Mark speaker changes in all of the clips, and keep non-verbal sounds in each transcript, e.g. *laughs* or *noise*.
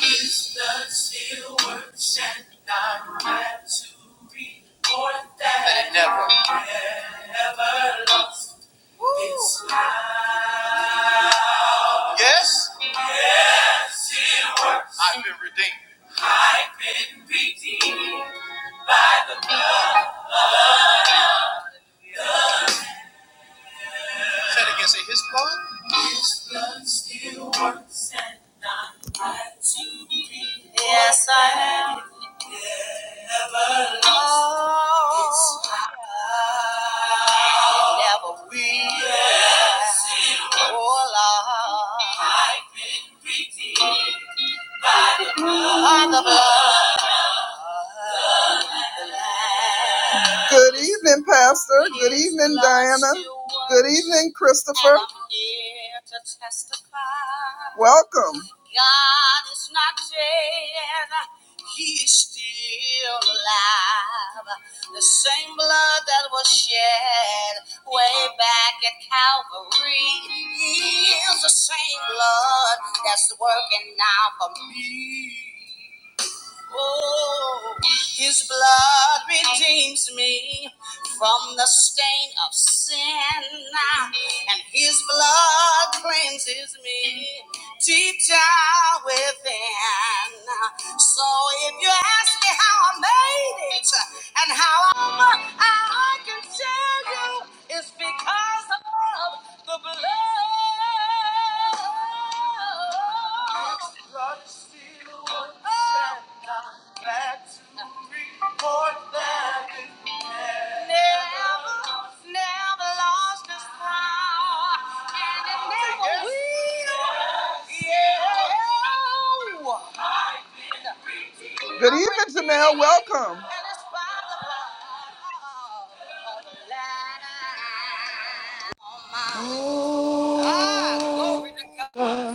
Speaker 1: His blood still works, and I'm glad to report that it never, never lost its power. Yes, yes, it works. I've been redeemed. I've been redeemed by the blood. Say it again. Say His blood. His blood still works, and I'm glad to report. Yes, I am. The blood. Good evening, Pastor. Good evening, Diana. Good evening, Christopher. Welcome. God is not dead. He is still alive. The same blood that was shed way back at Calvary is the same blood that's working now for me. Oh, His blood redeems me from the stain of sin, and His blood cleanses me deep down within. So if you ask me how I made it and how I'm, I can tell you it's because of the blood. Yeah. Good evening, Janelle. Welcome. Oh,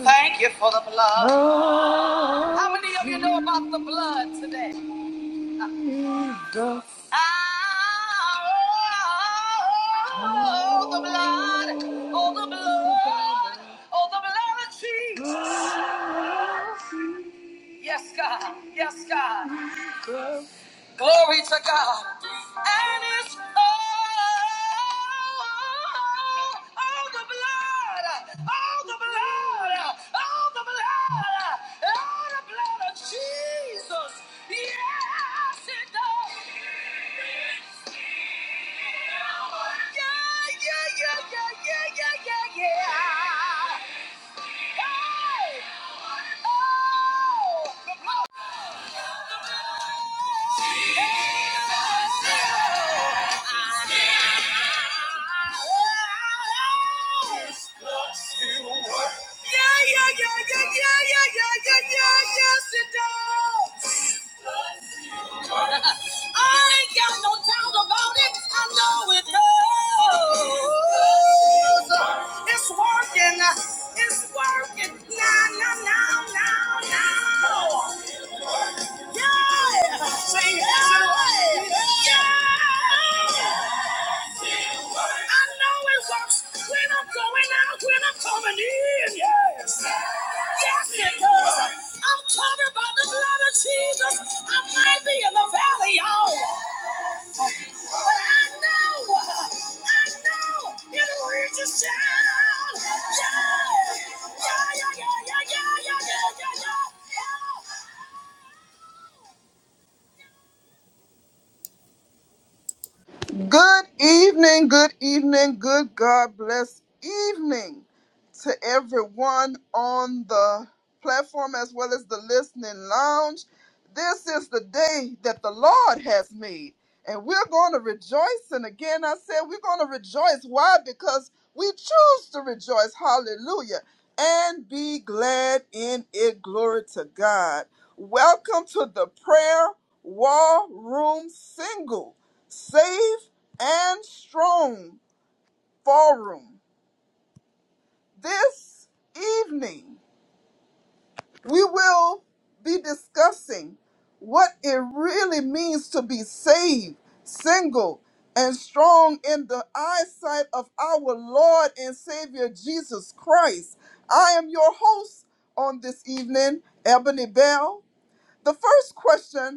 Speaker 1: Thank you for the blood. How many of you know about the blood today? Ah, Oh, the blood. Oh, the blood. Oh, the blood of Jesus. Yes, God. Yes, God. Glory to God. Oh, oh, the blood. Oh, the blood. Oh, the blood. Oh, the blood of Jesus. Yes, it does. Yeah, yeah, yeah, yeah, yeah, yeah, yeah, yeah. Hey. It's working now, now, now, now, now. Yeah, say hey. yeah, going out. That's because I'm covered by the blood of Jesus. I might be in the valley, y'all, but I know. Good evening, good evening, good God bless evening to everyone on the platform as well as the listening lounge. This is the day that the Lord has made, and we're going to rejoice. And again, I said we're going to rejoice. Why? Because we choose to rejoice. Hallelujah. And be glad in it. Glory to God. Welcome to the prayer war room single. Save and Strong Forum. This evening, we will be discussing what it really means to be saved, single, and strong in the eyesight of our Lord and Savior Jesus Christ. I am your host on this evening, Ebony Bell. The first question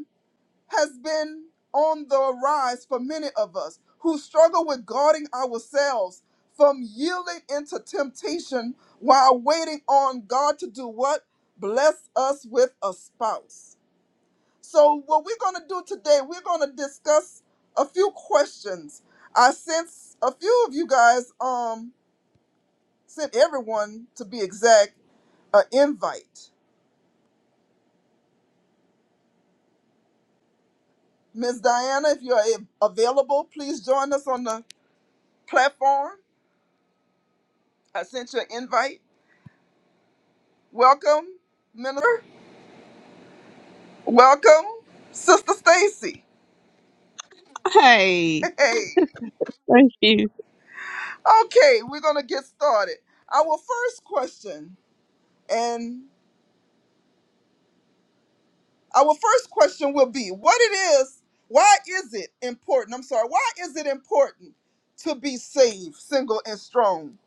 Speaker 1: has been on the rise for many of us who struggle with guarding ourselves from yielding into temptation while waiting on God to do what? Bless us with a spouse. So, what we're going to do today, we're going to discuss a few questions. I sense a few of you guys um, sent everyone, to be exact, an invite. Ms. Diana, if you're a- available, please join us on the platform. I sent you an invite. Welcome, Minister. Welcome, Sister Stacy.
Speaker 2: Hey,
Speaker 1: Hey.
Speaker 2: thank you.
Speaker 1: Okay, we're gonna get started. Our first question, and our first question will be what it is, why is it important? I'm sorry, why is it important to be saved, single and strong?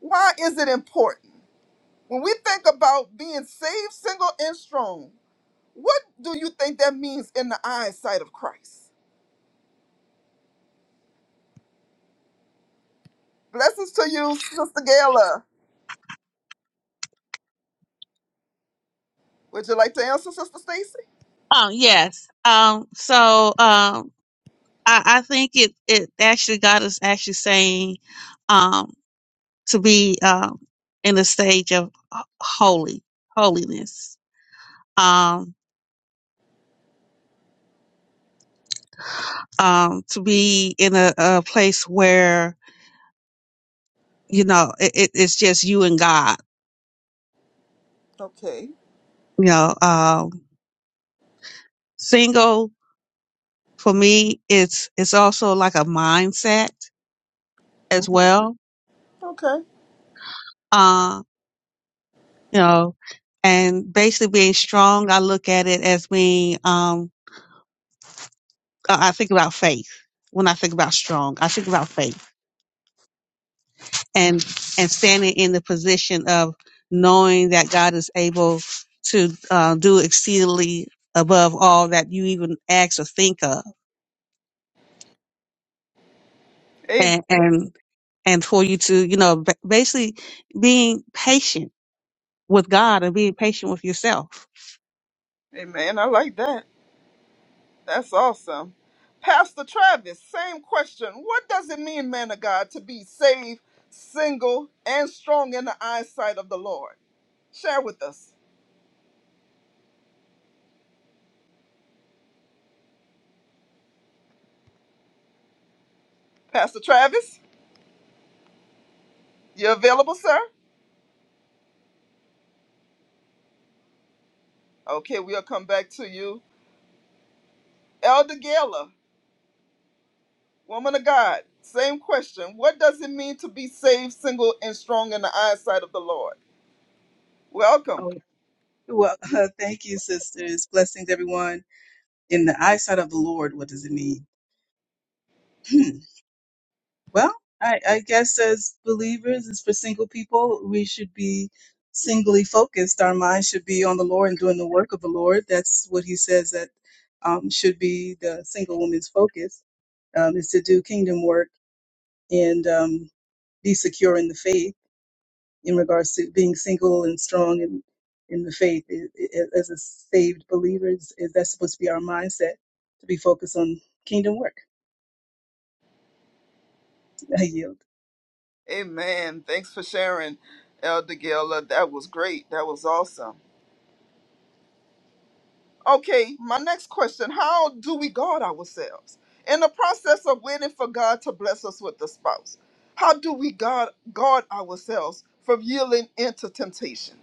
Speaker 1: Why is it important? When we think about being saved, single and strong, what do you think that means in the eyesight of Christ? Blessings to you, Sister Gayla. Would you like to answer, Sister Stacy?
Speaker 2: Um, yes. Um, so um, I, I think it it actually got us actually saying, um, to be um in the stage of h- holy holiness. Um, um, to be in a, a place where you know it, it, it's just you and God.
Speaker 1: Okay.
Speaker 2: You know, um, single for me, it's it's also like a mindset as
Speaker 1: Mhm.
Speaker 2: well.
Speaker 1: Okay.
Speaker 2: Um, you know, and basically being strong, I look at it as being, um, I I think about faith. When I think about strong, I think about faith and, and standing in the position of knowing that God is able to, uh, do exceedingly above all that you even ask or think of
Speaker 1: Amen.
Speaker 2: and, and, and for you to, you know, ba- basically being patient with God and being patient with yourself.
Speaker 1: Amen. I like that. That's awesome. Pastor Travis, same question. What does it mean, man of God, to be saved, single, and strong in the eyesight of the Lord? Share with us. Pastor Travis, you available, sir? Okay, we'll come back to you. Elder Gayla, woman of God, same question. What does it mean to be saved, single, and strong in the eyesight of the Lord? Welcome.
Speaker 3: Oh, well, *laughs* thank you, sisters. Blessings, everyone. In the eyesight of the Lord, what does it mean? Hmm. Well, I, I guess as believers, as for single people, we should be singly focused. Our minds should be on the Lord and doing the work of the Lord. That's what he says that um, should be the single woman's focus um, is to do kingdom work and um, be secure in the faith in regards to being single and strong in, in the faith i- i- as a saved believer is, is that's supposed to be our mindset to be focused on kingdom work i yield
Speaker 1: Amen. Thanks for sharing, Elder Gila. That was great. That was awesome. Okay, my next question How do we guard ourselves in the process of waiting for God to bless us with the spouse? How do we guard, guard ourselves from yielding into temptation?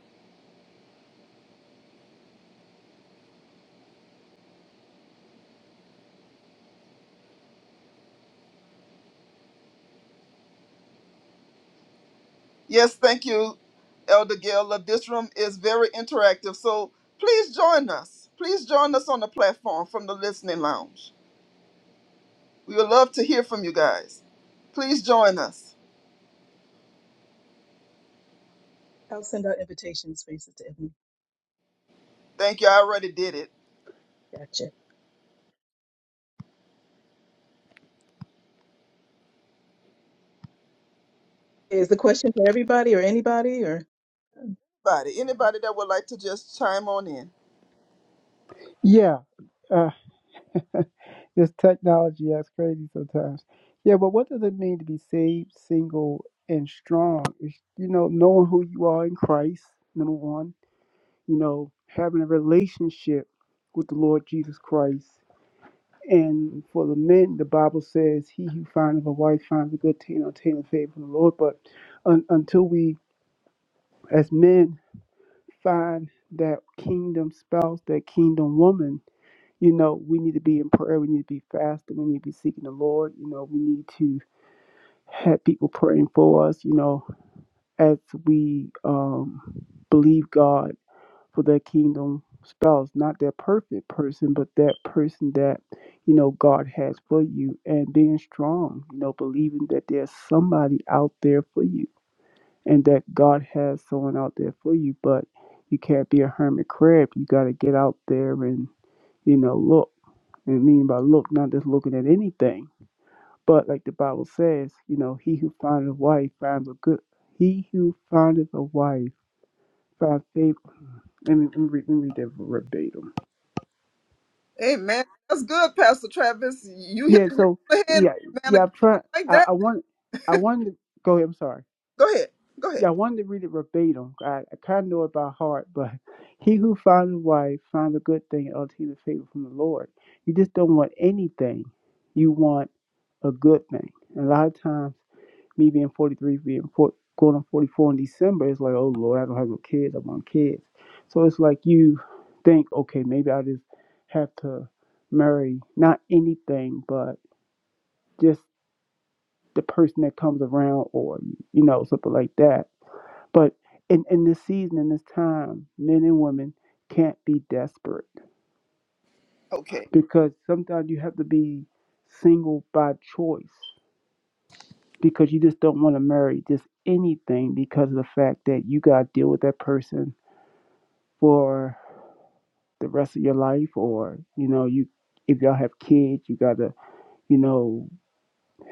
Speaker 1: Yes, thank you, Elder Gila. This room is very interactive, so please join us. Please join us on the platform from the listening lounge. We would love to hear from you guys. Please join us.
Speaker 3: i'll send out invitation spaces to everyone
Speaker 1: Thank you. I already did it.
Speaker 3: gotcha is the question for everybody or anybody or
Speaker 1: Anybody, anybody that would like to just chime on in?
Speaker 4: Yeah, uh, this technology acts crazy sometimes. Yeah, but what does it mean to be saved, single, and strong? It's, you know, knowing who you are in Christ, number one. You know, having a relationship with the Lord Jesus Christ. And for the men, the Bible says, "He who findeth a wife finds a good thing, and obtaineth favor from the Lord." But un- until we, as men, find that kingdom spouse, that kingdom woman. You know, we need to be in prayer. We need to be fasting. We need to be seeking the Lord. You know, we need to have people praying for us. You know, as we um, believe God for their kingdom spouse, not that perfect person, but that person that you know God has for you, and being strong. You know, believing that there's somebody out there for you, and that God has someone out there for you. But you can't be a hermit crab. You got to get out there and you know look. And mean by look, not just looking at anything, but like the Bible says, you know, he who findeth a wife finds a good. He who findeth a wife finds favor. Let me, let me, read, let me read that verbatim.
Speaker 1: Amen. That's good, Pastor Travis. You hit
Speaker 4: Yeah.
Speaker 1: the nail
Speaker 4: So
Speaker 1: on the head,
Speaker 4: yeah,
Speaker 1: man of
Speaker 4: yeah.
Speaker 1: God.
Speaker 4: I'm trying.
Speaker 1: I like
Speaker 4: I,
Speaker 1: that.
Speaker 4: I want. I wanted to go ahead. I'm sorry.
Speaker 1: Go ahead. Go
Speaker 4: Yeah,
Speaker 1: ahead.
Speaker 4: I wanted to read it verbatim. I, I kind of know it by heart, but *laughs* he who finds a wife finds a good thing and obtains favor from the Lord. You just don't want anything. You want a good thing. A lot of times. me being 43, being four, going on 44 in December, it's like, oh Lord, I don't have no kids. I want kids. So it's like you think, okay, maybe I just have to marry not anything, but just the person that comes around or, you know, something like that. But in, in this season, in this time, men and women can't be desperate
Speaker 1: Okay.
Speaker 4: because sometimes you have to be single by choice because you just don't want to marry just anything because of the fact that you got to deal with that person for the rest of your life or you know you if y'all have kids you got to you know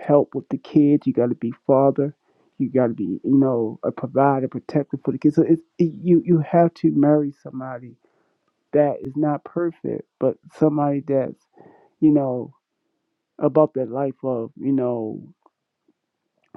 Speaker 4: help with the kids you got to be father you got to be you know a provider protector for the kids so it's it, you you have to marry somebody that is not perfect but somebody that's you know about that life of you know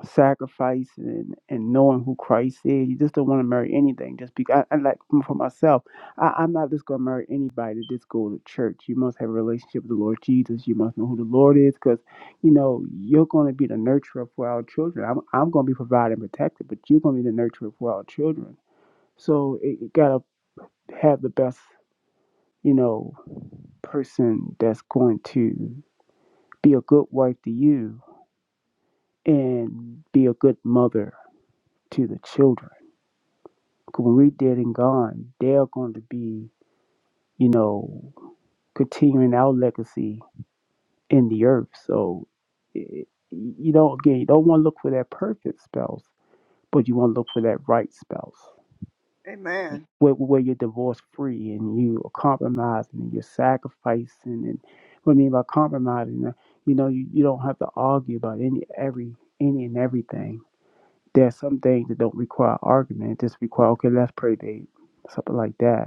Speaker 4: sacrifice and, and knowing who Christ is. You just don't want to marry anything. Just because, I, I like for for myself, I, I'm not just going to marry anybody that just go to church. You must have a relationship with the Lord Jesus. You must know who the Lord is because, you know, you're going to be the nurturer for our children. I'm, I'm going to be providing and protected, but you're going to be the nurturer for our children. So it, you got to have the best, you know, person that's going to be a good wife to you and be a good mother to the children 'Cause when we're dead and gone, they're going to be, you know, continuing our legacy in the earth. So, it, you know, again, you don't want to look for that perfect spouse, but you want to look for that right spouse
Speaker 1: Amen.
Speaker 4: where, where you're divorce free and you are compromising and you're sacrificing. And what I mean by compromising, uh, you know, you, you don't have to argue about any, every, any and everything. There's some things that don't require argument, just require, okay, let's pray, babe, something like that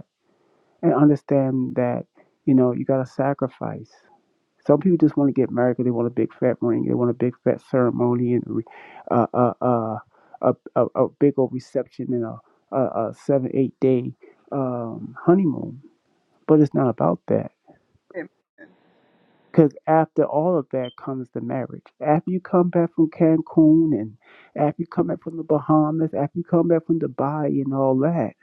Speaker 4: and understand that you know you got to sacrifice. Some people just want to get married because they want a big fat ring, they want a big fat ceremony, and re- uh, uh, uh, a, a a big old reception and a a, a seven eight day um, honeymoon. But it's not about that
Speaker 1: Amen.
Speaker 4: because after all of that comes the marriage. After you come back from Cancun and after you come back from the Bahamas, after you come back from Dubai and all that,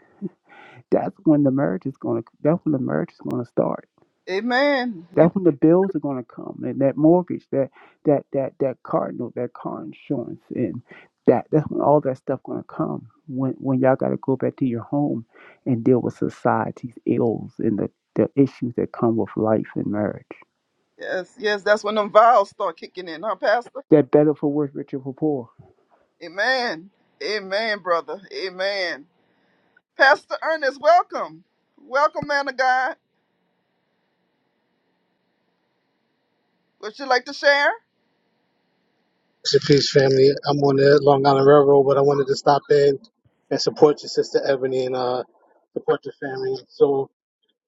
Speaker 4: that's when the marriage is gonna. That's when the marriage is gonna start
Speaker 1: Amen. You
Speaker 4: That's when the bills are going to come, and that mortgage, that that that that car note, that car insurance, and that that's when all that stuff going to come. When when y'all got to go back to your home and deal with society's ills and the the issues that come with life and marriage.
Speaker 1: yes, yes, that's when them vials start kicking in, huh, Pastor?
Speaker 4: That better for worse, richer for poor.
Speaker 1: Amen. Amen, brother. Amen. Pastor Ernest, welcome. Welcome, man of God. Would you like to share?
Speaker 5: Rest in peace, family. I'm on the Long Island Railroad, but I wanted to stop in and support your sister Ebony and uh, support your family. So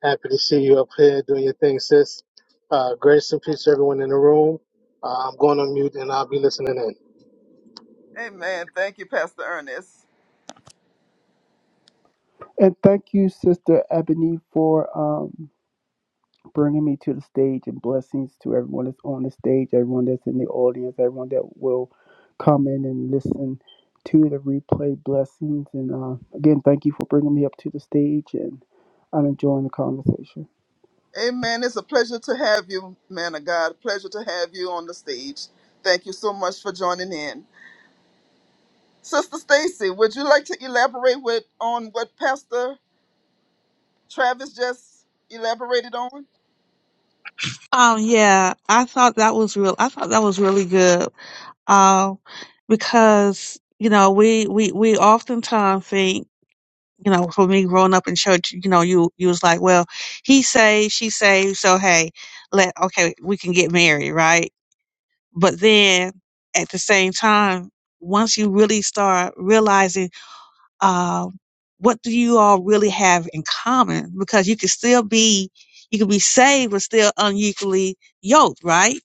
Speaker 5: happy to see you up here doing your thing, sis. Uh, grace and peace to everyone in the room. Uh, I'm going on mute and I'll be listening in.
Speaker 1: Amen. Thank you, Pastor Ernest.
Speaker 4: And thank you, Sister Ebony, for um bringing me to the stage and blessings to everyone that's on the stage, everyone that's in the audience, everyone that will come in and listen to the replay blessings. And uh, again, thank you for bringing me up to the stage and I'm enjoying the conversation.
Speaker 1: Amen. It's a pleasure to have you, man of God. Pleasure to have you on the stage. Thank you so much for joining in. Sister Stacy, would you like to elaborate with on what Pastor Travis just elaborated on?
Speaker 2: Um, yeah, I thought that was real. I thought that was really good. Um, because you know we we we oftentimes think you know for me growing up in church, you know you you was like, well, he saved, she saved, so hey, let okay we can get married, right? But then at the same time, once you really start realizing, uh, what do you all really have in common? Because you can still be, you can be saved, but still unequally yoked, right?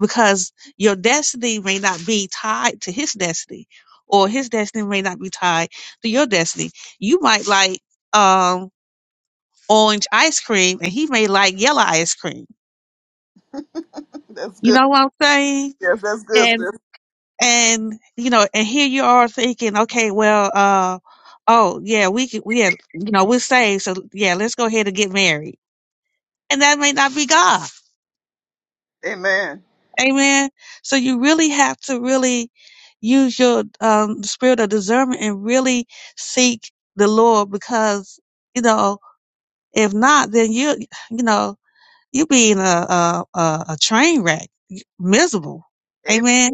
Speaker 2: Because your destiny may not be tied to his destiny or his destiny may not be tied to your destiny. You might like, um, orange ice cream and he may like yellow ice cream.
Speaker 1: *laughs* That's
Speaker 2: You
Speaker 1: good.
Speaker 2: know what I'm saying?
Speaker 1: Yes, that's good,
Speaker 2: And
Speaker 1: sis.
Speaker 2: and you know, and here you are thinking, okay, well, uh, oh yeah, we can, we had, you know, we're saved, so yeah, let's go ahead and get married, and that may not be God,
Speaker 1: Amen.
Speaker 2: amen. So you really have to really use your um, spirit of discernment and really seek the Lord, because you know, if not, then you, you know, you being a a, a, a train wreck, miserable,
Speaker 1: Amen.
Speaker 2: amen,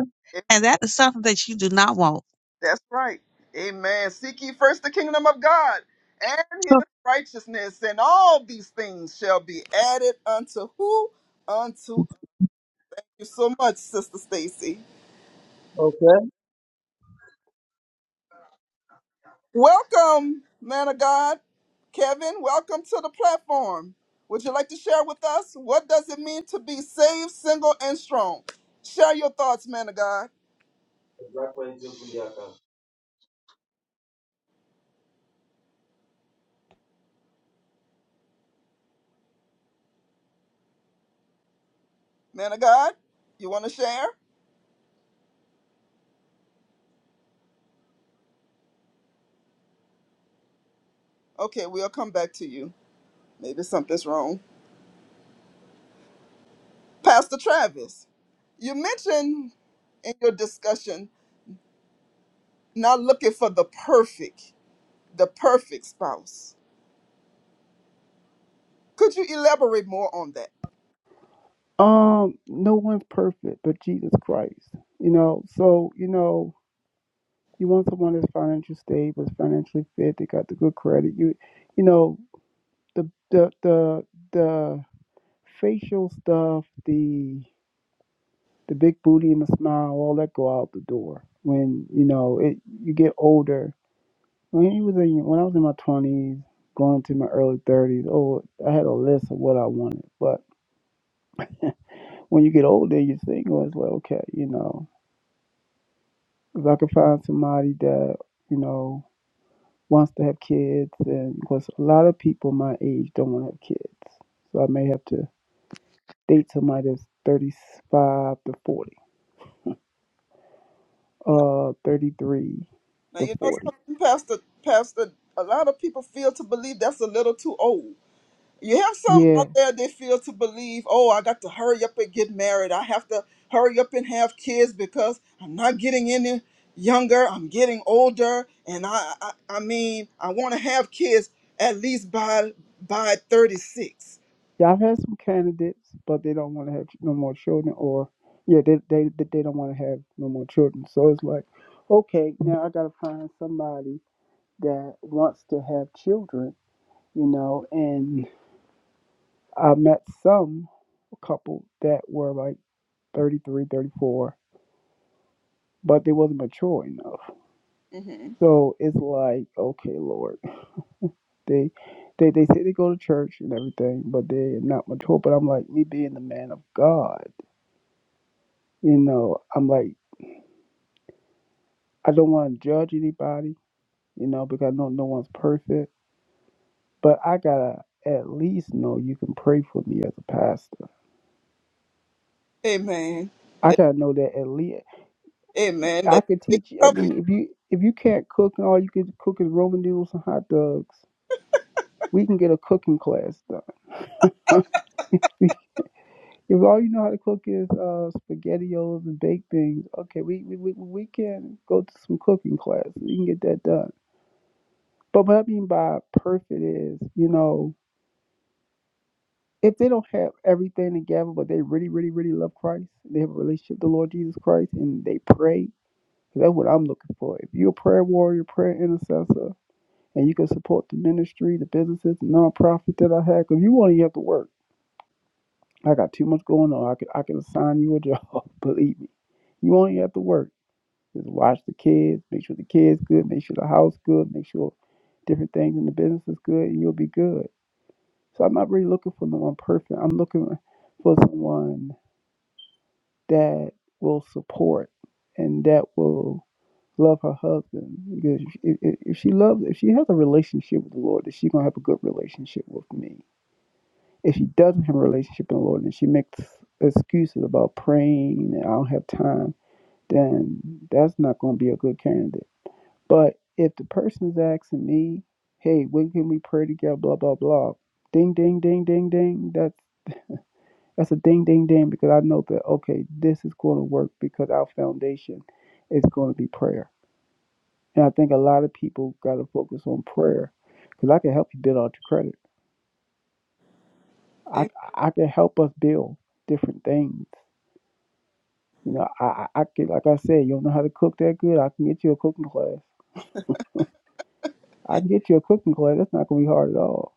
Speaker 2: and that is something that you do not want.
Speaker 1: That's right. Amen. Seek ye first the kingdom of God and his righteousness, and all these things shall be added unto who? Unto you so much, Sister Stacy.
Speaker 6: Okay.
Speaker 1: Welcome, man of God. Kevin, welcome to the platform. Would you like to share with us what does it mean to be saved, single, and strong? Share your thoughts, man of God. Man of God, you want to share? Okay, we'll come back to you. Maybe something's wrong. Pastor Travis, you mentioned in your discussion not looking for the perfect, the perfect spouse. Could you elaborate more on that?
Speaker 4: Um, no one's perfect but Jesus Christ, you know, so, you know, you want someone that's financially stable, that's financially fit, they got the good credit. You, you know, the, the, the, the facial stuff, the. the big booty and the smile, all that go out the door. When you know it, you get older. When you was in, when I was in my twenties, going to my early thirties, oh, I had a list of what I wanted. But when you get older, you're single. It's like, okay, you know, if I could find somebody that you know wants to have kids, and because a lot of people my age don't want to have kids, so I may have to date somebody that's 35 to 40, uh, 33
Speaker 1: Now
Speaker 4: to
Speaker 1: you know
Speaker 4: 40.
Speaker 1: something, Pastor. Pastor, a lot of people feel to believe that's a little too old. You have some
Speaker 4: Yeah,
Speaker 1: out there they feel to believe, oh, I got to hurry up and get married. I have to hurry up and have kids because I'm not getting any younger. I'm getting older, and I, I, I mean, I want to have kids at least by by 36
Speaker 4: Y'all had some candidates, but they don't want to have no more children, or yeah, they they they they don't want to have no more children. So it's like, okay, now I gotta find somebody that wants to have children, you know. And I met some couple that were like 33, 34, but they wasn't mature enough.
Speaker 1: hmm
Speaker 4: So it's like, okay, Lord, they they they say they go to church and everything, but they're not mature. But I'm like, me being the man of God, you know, I'm like. I don't want to judge anybody, you know, because I know no one's perfect. But I gotta at least know you can pray for me as a pastor.
Speaker 1: Amen.
Speaker 4: I gotta know that at least
Speaker 1: Amen.
Speaker 4: I
Speaker 1: That
Speaker 4: can
Speaker 1: they can
Speaker 4: teach. you- I
Speaker 1: cover
Speaker 4: mean, if you if you can't cook and all you can cook is Roman noodles and hot dogs, we can get a cooking class done. *laughs* if all you know how to cook is uh, spaghettios and baked things, okay, we we, we we can go to some cooking classes. We can get that done. But what I mean by perfect is, you know. if they don't have everything together, but they really, really, really love Christ, they have a relationship with the Lord Jesus Christ, and they pray. 'cause That's what I'm looking for. If you're a prayer warrior, prayer intercessor, and you can support the ministry, the businesses, the nonprofit that I have, because you only have to work. I got too much going on. I can I can assign you a job. *laughs* Believe me, you only have to work. Just watch the kids, make sure the kids good, make sure the house good, make sure different things in the business is good, and you'll be good. So I'm not really looking for no one perfect. I'm looking for someone that will support and that will love her husband because if, if if she loves if she has a relationship with the lord then she's going to have a good relationship with me if she doesn't have a relationship with the lord and she makes excuses about praying and i don't have time then that's not going to be a good candidate but if the person is asking me hey when can we pray together blah blah blah ding ding ding ding ding that's that's a ding, ding, ding, because I know that, okay, this is going to work because our foundation is going to be prayer. And I think a lot of people got to focus on prayer because I can help you build out your credit. I,
Speaker 1: you.
Speaker 4: I can help us build different things. You know, I, I, I can, like I said, you don't know how to cook that good. I can get you a cooking class. I can get you a cooking class. That's not going to be hard at all.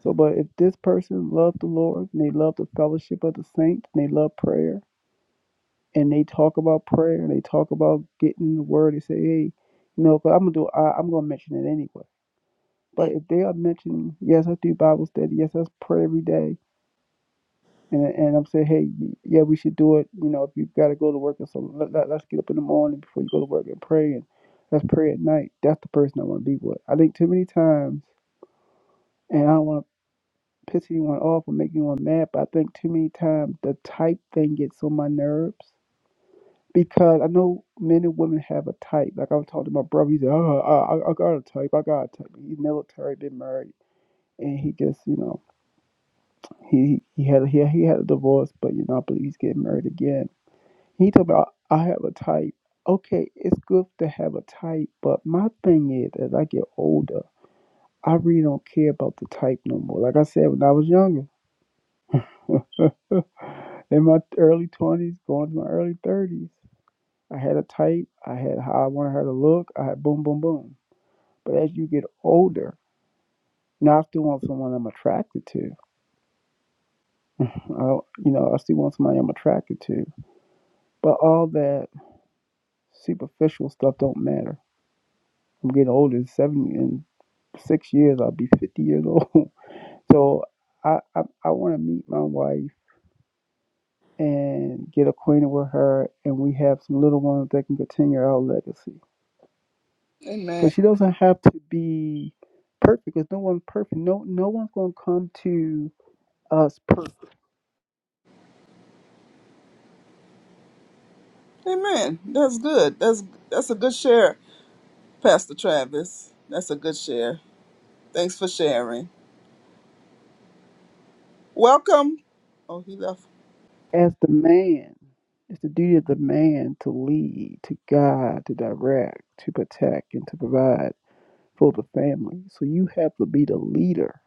Speaker 4: So, but if this person loved the Lord and they love the fellowship of the saints and they love prayer, and they talk about prayer they talk about getting in the word They say, hey, you know, but I'm gonna do I, I'm gonna mention it anyway. But if they are mentioning, yes, I do Bible study, yes, I pray every day, and and I'm saying, hey, yeah, we should do it. You know, if you gotta go to work or something, let, let, us get up in the morning before you go to work and pray, and let's pray at night. That's the person I want to be with. I think too many times, and I don't want to piss anyone off or make anyone mad, but I think too many times the type thing gets on my nerves because I know men and women have a type. Like I was talking to my brother, he said, "Oh, I, I I got a type. I got a type." He's military, been married, and he just, you know, he he had he he had a divorce, but you know, I believe he's getting married again. He talked about, "I have a type." Okay, it's good to have a type, but my thing is, as I get older, I really don't care about the type no more. Like I said, when I was younger, *laughs* in my early twenties, going to my early thirties, I had a type. I had how I wanted her to look. I had boom, boom, boom. But as you get older, now I still want someone I'm attracted to. I, you know, I still want somebody I'm attracted to. But all that superficial stuff don't matter. I'm getting older. In Seven in six years, I'll be 50 years old. *laughs* So I I, I want to meet my wife and get acquainted with her, and we have some little ones that can continue our legacy.
Speaker 1: Amen.
Speaker 4: So she doesn't have to be perfect because no one's perfect. No no one's gonna come to us perfect
Speaker 1: Amen. That's good. That's that's a good share, Pastor Travis. That's a good share. Thanks for sharing. Welcome. Oh, he left.
Speaker 4: As the man, it's the duty of the man to lead, to guide, to direct, to protect, and to provide for the family. So you have to be the leader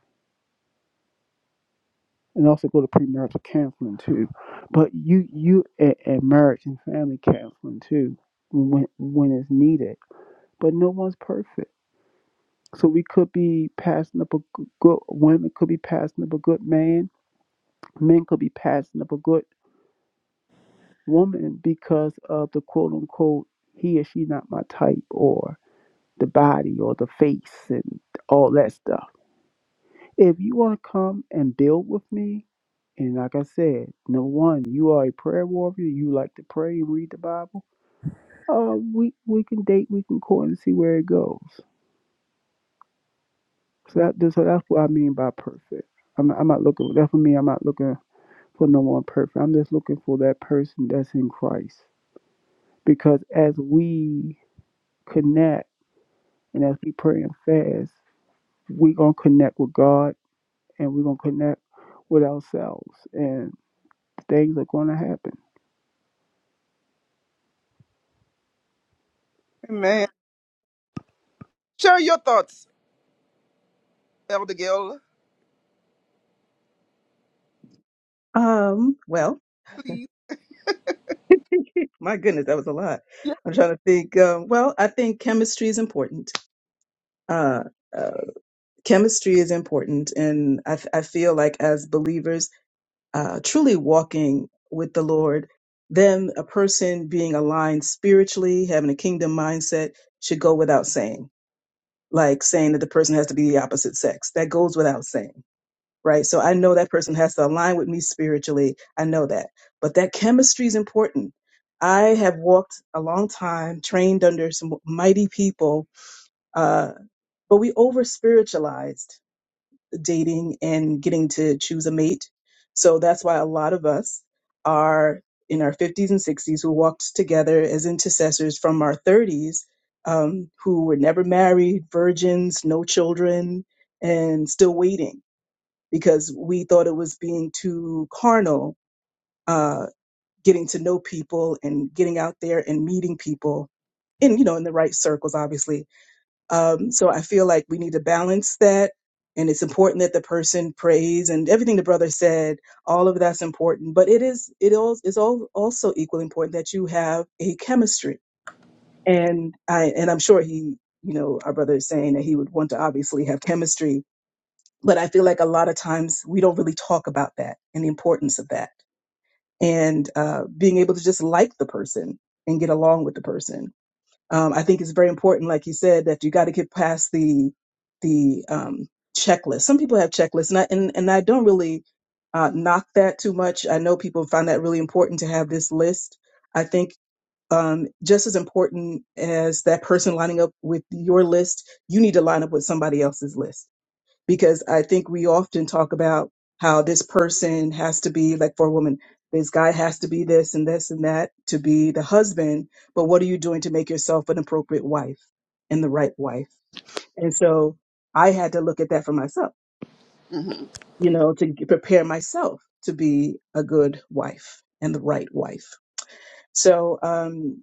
Speaker 4: and also go to premarital counseling too. But you, you and, and marriage and family counseling too when, when it's needed. But no one's perfect. So we could be passing up a g- good women could be passing up a good man. Men could be passing up a good woman because of the quote unquote he or she not my type or the body or the face and all that stuff. If you want to come and build with me, and like I said, number one, you are a prayer warrior. You like to pray and read the Bible. Uh, we we can date, we can court, and see where it goes. So that so that's what I mean by perfect. I'm not, I'm not looking. That for me, I'm not looking for no one perfect. I'm just looking for that person that's in Christ. Because as we connect And as we pray and fast, we're going to connect with God and we're going to connect with ourselves, and things are going to happen.
Speaker 1: Amen. Share your thoughts, Elder Gil,
Speaker 3: Um, well,
Speaker 1: please.
Speaker 3: my goodness, that was a lot.
Speaker 1: Yeah.
Speaker 3: I'm trying to think. Um, well, I think chemistry is important. Uh, uh, chemistry is important, and I, I feel like as believers, uh, truly walking with the Lord, then a person being aligned spiritually, having a kingdom mindset, should go without saying like saying that the person has to be the opposite sex. That goes without saying, right? So I know that person has to align with me spiritually. I know that. But that chemistry is important. I have walked a long time, trained under some mighty people, uh, but we over spiritualized dating and getting to choose a mate. So that's why a lot of us are in our 50s and 60s who walked together as intercessors from our 30s um, who were never married, virgins, no children, and still waiting because we thought it was being too carnal, uh, getting to know people and getting out there and meeting people in, you know, in the right circles, obviously um, so I feel like we need to balance that. And it's important that the person prays and everything the brother said, all of that's important. But it is, it all is all also equally important that you have a chemistry. And I, and I'm sure he, you know, our brother is saying that he would want to obviously have chemistry. But I feel like a lot of times we don't really talk about that and the importance of that and uh, being able to just like the person and get along with the person um, I think it's very important, like you said, that you got to get past the the um, checklist. Some people have checklists, and I, and, and I don't really uh, knock that too much. I know people find that really important to have this list. I think um, just as important as that person lining up with your list, you need to line up with somebody else's list because I think we often talk about how this person has to be like for a woman, this guy has to be this and this and that to be the husband. But what are you doing to make yourself an appropriate wife and the right wife? And so I had to look at that for myself,
Speaker 1: hmm
Speaker 3: you know, to g- prepare myself to be a good wife and the right wife. So, um,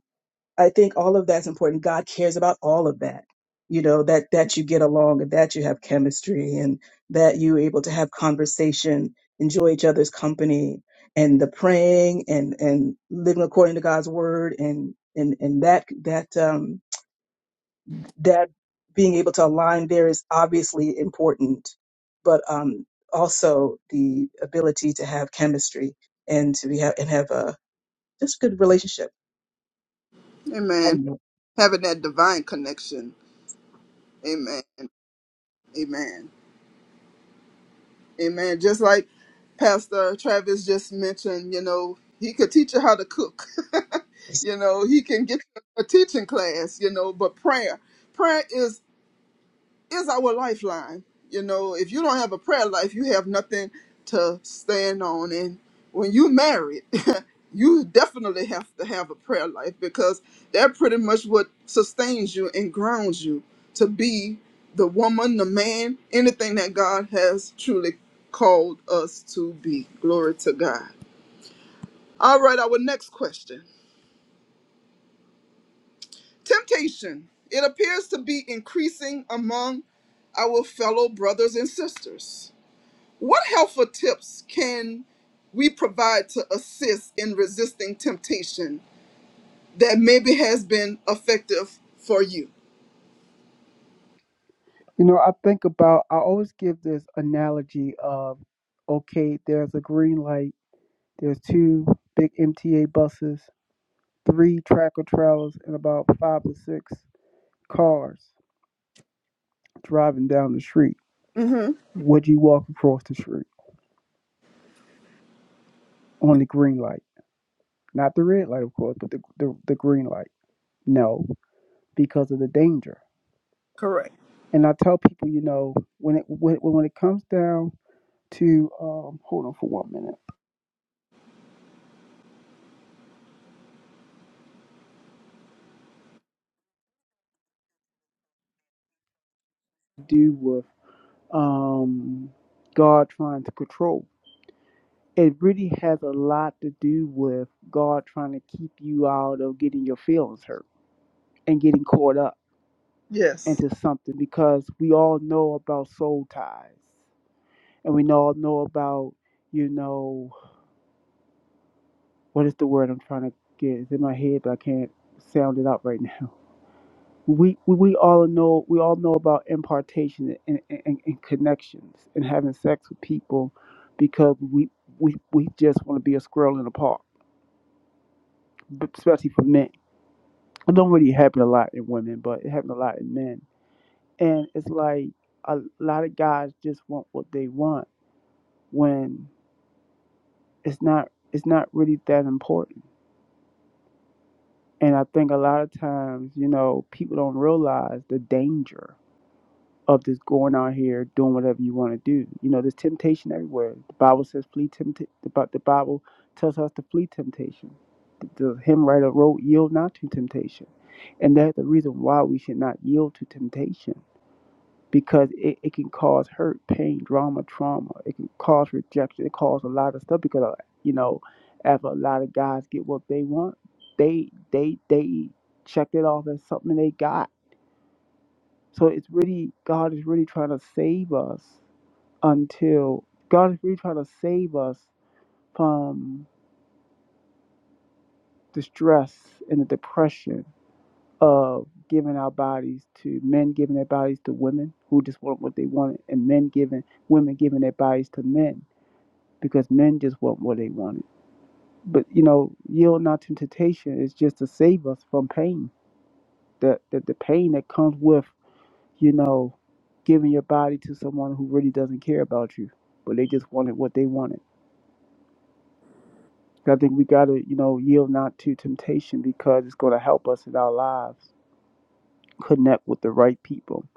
Speaker 3: I think all of that's important. God cares about all of that. You know, that that you get along and that you have chemistry and that you're able to have conversation, enjoy each other's company and the praying and and living according to God's word and and and that that um that being able to align there is obviously important, but um also the ability to have chemistry and to be have and have a just good relationship. I
Speaker 1: Amen.
Speaker 3: know.
Speaker 1: Having that divine connection. Amen. Amen. Amen. Just like Pastor Travis just mentioned, you know, he could teach you how to cook. *laughs* you know, he can get you a teaching class, you know, but prayer. Prayer is is our lifeline. You know, if you don't have a prayer life, you have nothing to stand on. And when you married, *laughs* you definitely have to have a prayer life because that pretty much what sustains you and grounds you to be the woman, the man, anything that God has truly called us to be. Glory to God. All right, our next question. Temptation. It appears to be increasing among our fellow brothers and sisters What helpful tips can we provide to assist in resisting temptation that maybe has been effective for you?
Speaker 4: You know, I think about, I always give this analogy of okay, there's a green light, there's two big MTA buses, three tracker trailers, and about five or six cars driving down the street.
Speaker 1: Mm-hmm.
Speaker 4: Would you walk across the street on the green light? Not the red light, of course, but the, the, the green light. No, because of the danger
Speaker 1: Correct.
Speaker 4: And I tell people, you know, when it when, when it comes down to um, hold on for one minute, do with um, God trying to control. It really has a lot to do with God trying to keep you out of getting your feelings hurt and getting caught up
Speaker 1: Yes.
Speaker 4: into something because we all know about soul ties and we all know about, you know, what is the word I'm trying to get? It's in my head, but I can't sound it out right *laughs* now we, we we all know we all know about impartation and, and, and connections and having sex with people because we we, we just want to be a squirrel in a park, but especially for men. It don't really happen a lot in women, but it happens a lot in men. And it's like a lot of guys just want what they want when it's not it's not really that important. And I think a lot of times, you know, people don't realize the danger of just going out here doing whatever you want to do. You know, there's temptation everywhere. The Bible says flee temptation. The the Bible tells us to flee temptation. The, the hymn writer wrote, "Yield not to temptation," and that's the reason why we should not yield to temptation because it, it can cause hurt, pain, drama, trauma. It can cause rejection. It causes a lot of stuff because uh, you know, after a lot of guys get what they want, they they they check it off as something they got so it's really God is really trying to save us until God is really trying to save us from the stress and the depression of giving our bodies to men giving their bodies to women who just want what they wanted and men giving women giving their bodies to men because men just want what they wanted. But you know, yield not to temptation is just to save us from pain. The the, the pain that comes with you know, giving your body to someone who really doesn't care about you, but they just wanted what they wanted. I think we got to, you know, yield not to temptation because it's going to help us in our lives connect with the right people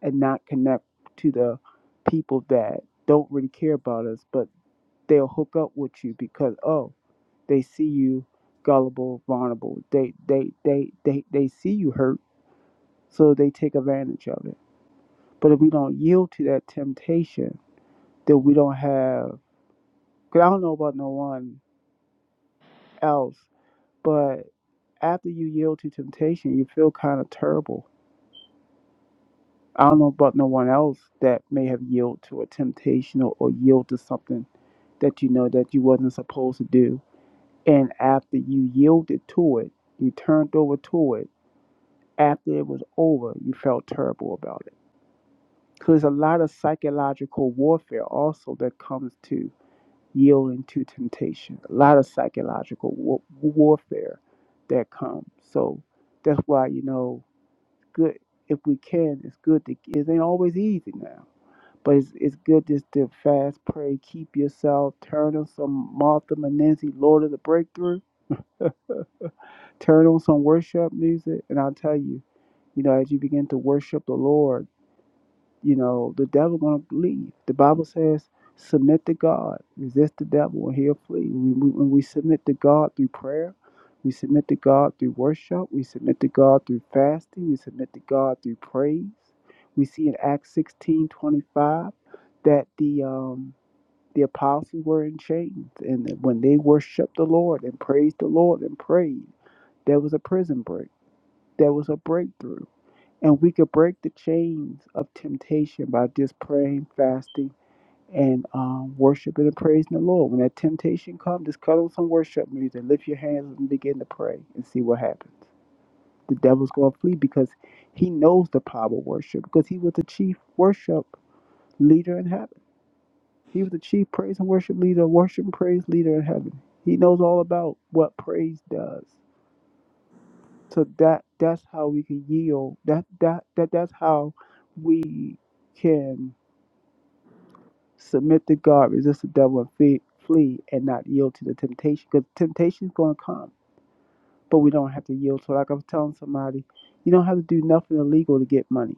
Speaker 4: and not connect to the people that don't really care about us, but they'll hook up with you because, oh, they see you gullible, vulnerable. They, they, they, they, they see you hurt, so they take advantage of it. But if we don't yield to that temptation, then we don't have 'Cause I don't know about no one else, but after you yield to temptation, you feel kind of terrible. I don't know about no one else that may have yielded to a temptation or, or yield to something that you know that you wasn't supposed to do. And after you yielded to it, you turned over to it. After it was over, you felt terrible about it. Because a lot of psychological warfare also that comes to. yielding to temptation, a lot of psychological wa- warfare that comes. So that's why, you know, it's good if we can, it's good to, it ain't always easy now, but it's, it's good just to fast, pray, keep yourself, turn on some Martha Menenzi, Lord of the Breakthrough, turn on some worship music, and I'll tell you, you know, as you begin to worship the Lord, you know the devil gonna leave the bible says submit to god resist the devil and he'll flee we, we, when we submit to god through prayer we submit to god through worship we submit to god through fasting we submit to god through praise we see in acts 16 25 that the um the apostles were in chains and that when they worshiped the lord and praised the lord and prayed there was a prison break there was a breakthrough and we could break the chains of temptation by just praying, fasting, and um, worshiping and praising the Lord. When that temptation comes, just cut on some worship music, lift your hands, and begin to pray and see what happens. The devil's going to flee because he knows the power of worship because he was the chief worship leader in heaven. He was the chief praise and worship leader, worship and praise leader in heaven. He knows all about what praise does. So that that's how we can yield. That that that that's how we can submit to God, resist the devil, and flee, flee and not yield to the temptation. Because temptation's going to come, but we don't have to yield. So, like I was telling somebody, you don't have to do nothing illegal to get money.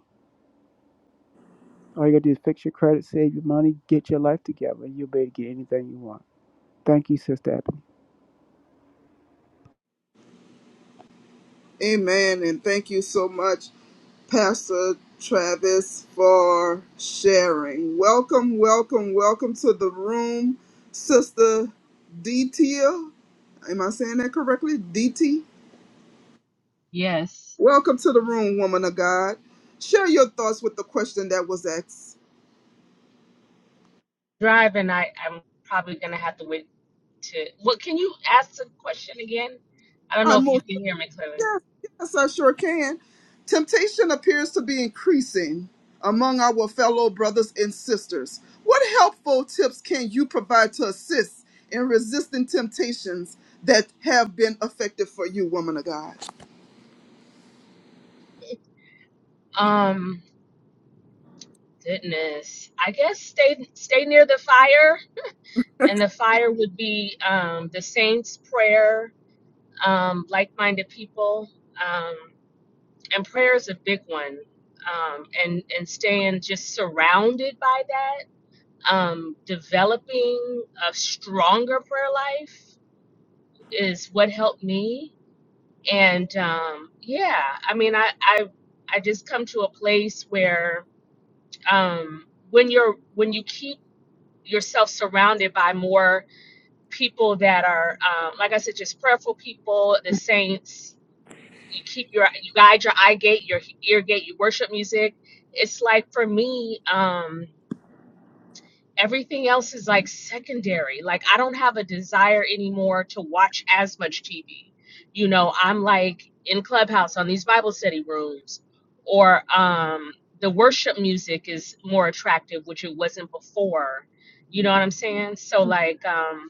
Speaker 4: All you got to do is fix your credit, save your money, get your life together, and you'll be able to get anything you want. Thank you, Sister Abigail.
Speaker 1: Amen. And thank you so much, Pastor Travis, for sharing. Welcome, welcome, welcome to the room, Sister DT. Am I saying that correctly? DT?
Speaker 7: Yes.
Speaker 1: Welcome to the room, woman of God. Share your thoughts with the question that was asked
Speaker 7: Driving, I, I'm probably going to have to wait to. What can you ask the question again? I don't
Speaker 1: I
Speaker 7: know if you
Speaker 1: most
Speaker 7: can hear me clearly.
Speaker 1: yes, yes, I sure can. Temptation appears to be increasing among our fellow brothers and sisters. What helpful tips can you provide to assist in resisting temptations that have been effective for you, woman of God?
Speaker 7: Um, goodness. I guess stay stay near the fire, and the fire would be um, the saints' prayer, um, like-minded people, um, and prayer is a big one. Um, and and staying just surrounded by that, um, developing a stronger prayer life is what helped me and um, yeah i mean I, I i just come to a place where um, when you're when you keep yourself surrounded by more people that are um, like i said just prayerful people the saints you keep your you guide your eye gate your ear gate you worship music it's like for me Um, everything else is like secondary. Like I don't have a desire anymore to watch as much TV. You know, I'm like in Clubhouse on these Bible study rooms or um the worship music is more attractive, which it wasn't before. You know what I'm saying? So like um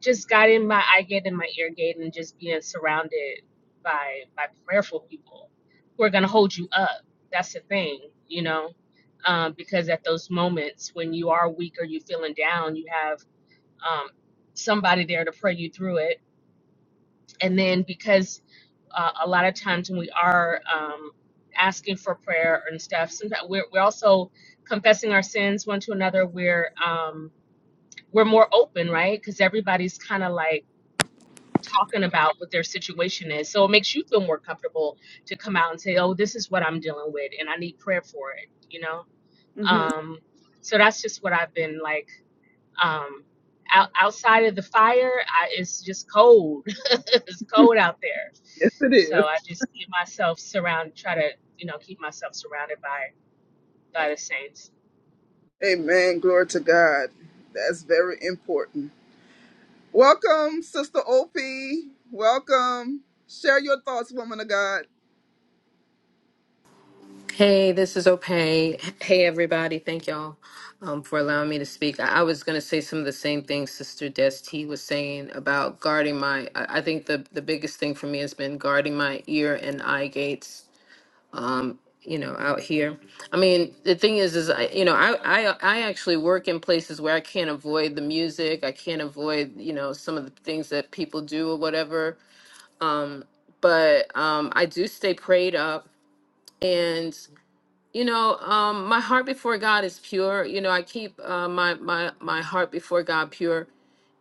Speaker 7: just got in my eye gate and my ear gate and just being surrounded by by prayerful people who are going to hold you up that's the thing you know um, because at those moments when you are weak or you feeling down you have um, somebody there to pray you through it and then because uh, a lot of times when we are um, asking for prayer and stuff sometimes we're, we're also confessing our sins one to another we're um, we're more open right because everybody's kind of like talking about what their situation is. So it makes you feel more comfortable to come out and say, "Oh, this is what I'm dealing with, and I need prayer for it." You know.
Speaker 1: hmm
Speaker 7: Um, so that's just what I've been like. Um, out, outside of the fire, I, it's just cold. *laughs* it's cold out there.
Speaker 1: Yes, it
Speaker 7: So
Speaker 1: is.
Speaker 7: I just keep myself surrounded. Try to you know keep myself surrounded by by the saints.
Speaker 1: Amen. Glory to God. That's very important. Welcome, Sister OP. Welcome. Share your thoughts, woman of God.
Speaker 8: Hey, this is Opay. Hey, everybody. Thank y'all um, for allowing me to speak. I, I was going to say some of the same things Sister Desti was saying about guarding my. I, I think the, the biggest thing for me has been guarding my ear and eye gates. Um, you know, out here. I mean, the thing is, is I, you know, I, I, I actually work in places where I can't avoid the music. I can't avoid, you know, some of the things that people do or whatever. Um, but um, I do stay prayed up, and you know, um, my heart before God is pure. You know, I keep uh, my my my heart before God pure,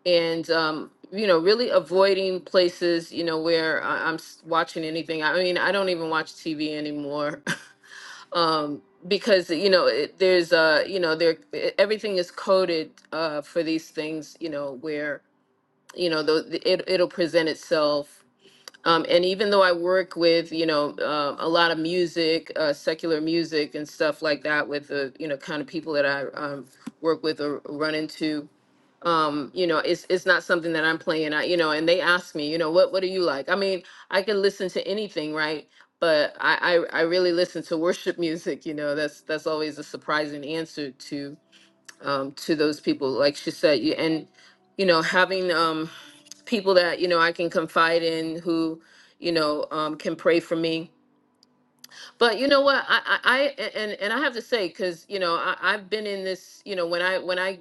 Speaker 8: and um, you know, really avoiding places you know where I, I'm s- watching anything. I mean, I don't even watch TV anymore, *laughs* um, because you know, it, there's uh, you know, there e, everything is coded uh, for these things. You know, where you know the, the, it it'll present itself um, and even though I work with, you know, uh, a lot of music, uh, secular music and stuff like that with the, you know, kind of people that I um, work with or run into, um, you know, it's, it's not something that I'm playing I you know, and they ask me, you know, what, what do you like? I mean, I can listen to anything, right? But I, I, I really listen to worship *laughs* music, you know, that's, that's always a surprising answer to, um, to those people, like she said, you and you know having um, people that you know I can confide in who you know um, can pray for me but you know what? I, I, I and and I have to say, because you know, I, I've been in this. You know, when I when I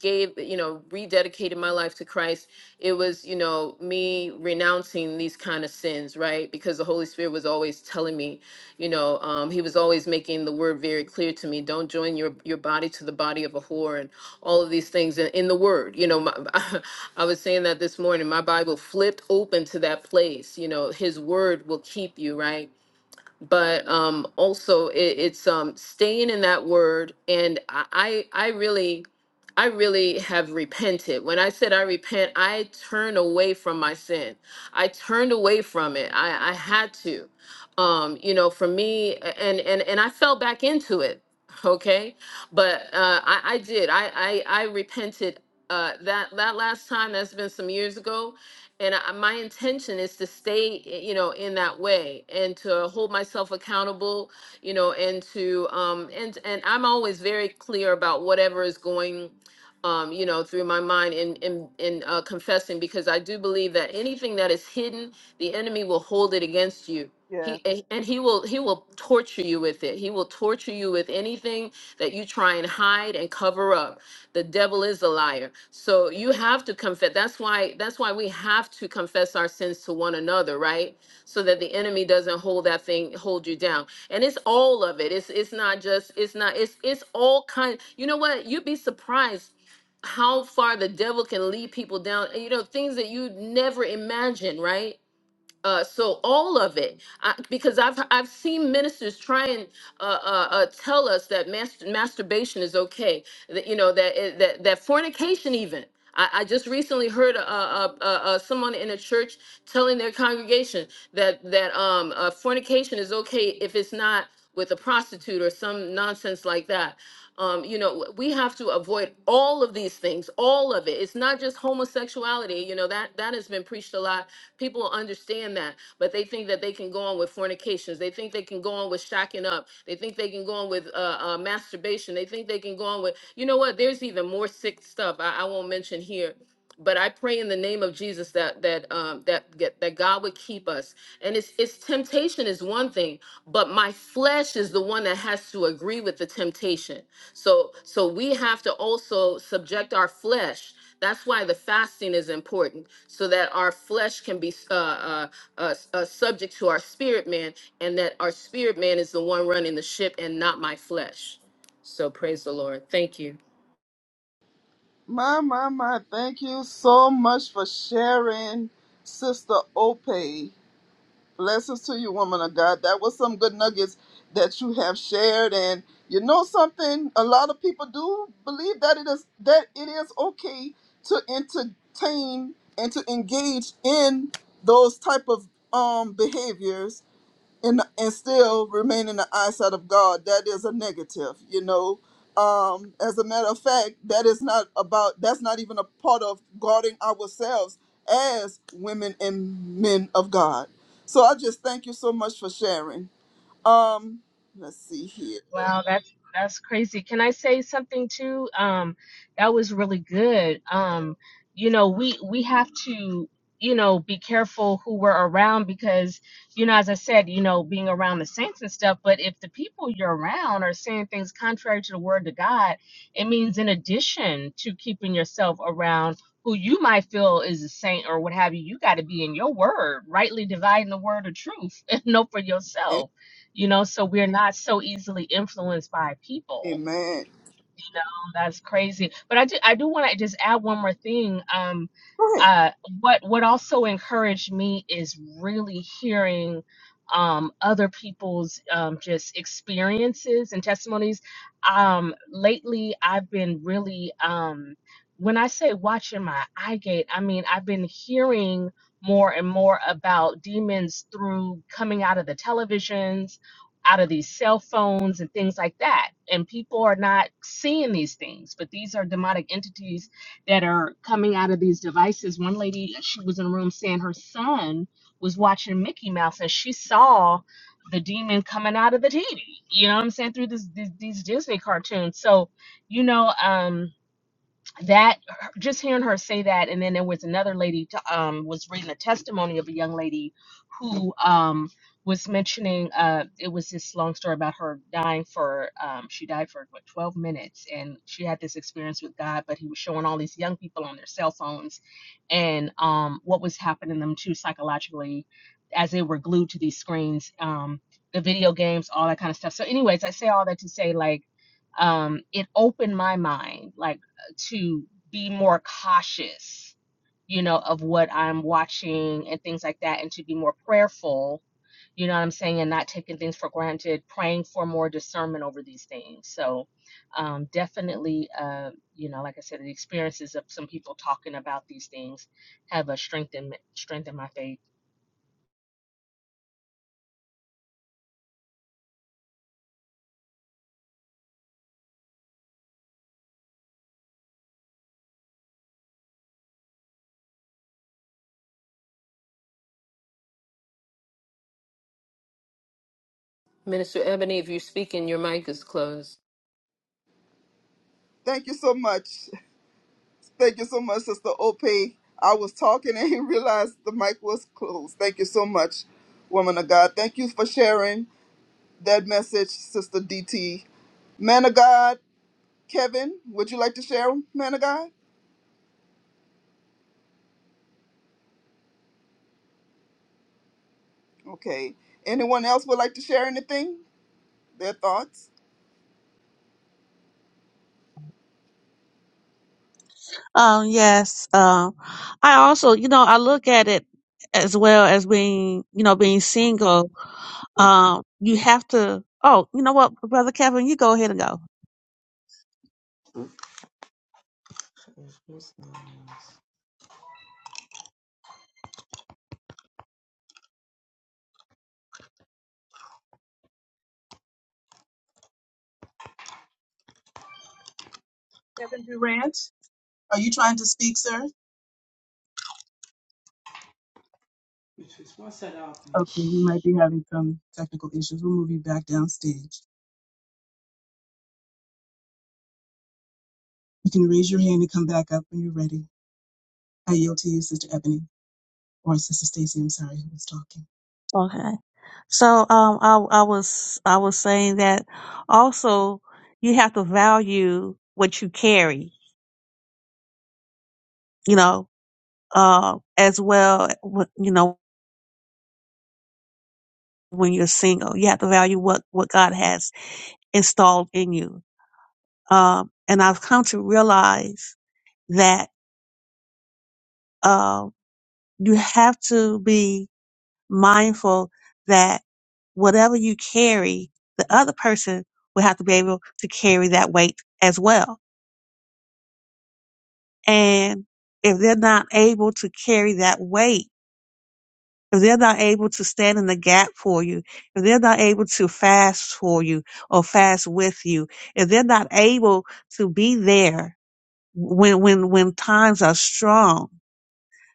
Speaker 8: gave, you know, rededicated my life to Christ, it was you know me renouncing these kind of sins, right? Because the Holy Spirit was always telling me, you know, um, He was always making the word very clear to me. Don't join your your body to the body of a whore, and all of these things in, in the Word. You know, my, *laughs* I was saying that this morning. My Bible flipped open to that place. You know, His Word will keep you, right? but um also it, it's um staying in that word and I, I i really i really have repented when i said i repent i turned away from my sin i turned away from it i i had to um you know for me and and and i fell back into it okay but uh i i did i i, I repented uh that that last time that's been some years ago and I, my intention is to stay eh, you know in that way and to hold myself accountable you know and to um and and i'm always very clear about whatever is going um you know through my mind in in in uh, confessing because i do believe that anything that is hidden the enemy will hold it against you he a- and he will he will torture you with it he will torture you with anything that you try and hide and cover up the devil is a liar. So you have to confess. That's why that's why we have to confess our sins to one another, right? So that the enemy doesn't hold that thing hold you down. And it's all of it. It's it's not just it's not it's it's all kind. You know what? You'd be surprised how far the devil can lead people down you know things that you never imagine right uh, so all of it, I, because I've I've seen ministers try and uh, uh, uh, tell us that mas- masturbation is okay, that you know that it- that that fornication even. I, I just recently heard uh, uh, uh, uh, someone in a church telling their congregation that that um, uh, fornication is okay if it's not with a prostitute or some nonsense like that. Um, you know, w- we have to avoid all of these things, all of it. It's not just homosexuality. You know that that has been preached a lot People will understand that, but they think that they can go on with fornications. They think they can go on with shacking up. They think they can go on with uh, uh, masturbation. They think they can go on with, you know what? There's even more sick stuff I, I won't mention here. But I pray in the name of Jesus that that um, that get, that God would keep us. And it's it's temptation is one thing, but my flesh is the one that has to agree with the temptation. So so we have to also subject our flesh. That's why the fasting is important, so that our flesh can be uh, uh, uh, uh, subject to our spirit man, and that our spirit man is the one running the ship and not my flesh. So praise the Lord. Thank you,
Speaker 1: My, my, my. Thank you so much for sharing, Sister Ope. Blessings to you, woman of God. That was some good nuggets that you have shared. And you know something? A lot of people do believe that it is that it is okay to entertain and to engage in those type of um behaviors and and still remain in the eyesight of God, that is a negative, you know. Um, as a matter of fact, that is not about that's not even a part of guarding ourselves as women and men of God. So I just thank you so much for sharing. Um, let's see here.
Speaker 7: Wow, that's that's crazy. Can I say something too? Um, that was really good. Um, you know, we we have to, you know, be careful who we're around because, you know, as I said, you know, being around the saints and stuff, but if the people you're around are saying things contrary to the word of God, it means in addition to keeping yourself around who you might feel is a saint or what have you, you got to be in your word, rightly dividing the word of truth *laughs* and know for
Speaker 1: Am-
Speaker 7: yourself you know so we're not so easily influenced by people
Speaker 1: Amen.
Speaker 7: you know that's crazy but i do i do want to just add one more thing um
Speaker 1: Go ahead.
Speaker 7: uh what what also encouraged me is really hearing um other people's um just experiences and testimonies um lately i've been really um when i say watching my eye gate i mean i've been hearing more and more about demons through coming out of the televisions out of these cell phones and things like that. And people are not seeing these things, but these are demonic entities that are coming out of these devices. One lady, she was in a room saying her son was watching Mickey Mouse and she saw the demon coming out of the TV. You know what I'm saying? Through this, these these Disney cartoons. So, you know, um, that just hearing her say that and then there was another lady t- um was reading a testimony of a young lady who um was mentioning uh it was this long story about her dying for um she died for what 12 minutes and she had this experience with God but he was showing all these young people on their cell phones and um what was happening to them too psychologically as they were glued to these screens um the video games all that kind of stuff so anyways I say all that to say like um it opened my mind like to be more cautious, you know, of what I'm watching and things like that, and to be more prayerful, you know what I'm saying, and not taking things for granted, praying for more discernment over these things. So, um, definitely, uh, you know, like I said, the experiences of some people talking about these things have a strengthened strengthened my faith.
Speaker 8: Minister Ebony. If you're speaking, your mic is closed.
Speaker 1: Thank you so much. *laughs* Thank you so much, Sister Ope. I was talking and *laughs* realized the mic was closed. Thank you so much, woman of God. Thank you for sharing. that message, Sister DT. Man of God, Kevin, would you like to share, man of God? Okay. Anyone else would like to share anything? Their thoughts?
Speaker 2: Um, yes. Um, I also, you know, I look at it as well as being, you know, being single. Um, you have to. Oh, you know what, brother Kevin, you go ahead and go.
Speaker 3: Kevin Durant. Are you trying to speak, sir? Okay, you might be having some technical issues. We'll move you back downstage. You can raise your hand and come back up when you're ready. I yield to you, Sister Ebony, or Sister Stacy. I'm sorry, who was talking.
Speaker 2: Okay. So, um, I, I was, I was saying that also you have to value what you carry, you know, uh, as well, wh- you know, when you're single, you have to value what, what God has installed in you. Um, and I've come to realize that um, you have to be mindful that whatever you carry, the other person will have to be able to carry that weight as well. And if they're not able to carry that weight, if they're not able to stand in the gap for you, if they're not able to fast for you or fast with you, if they're not able to be there when, when, when times are strong,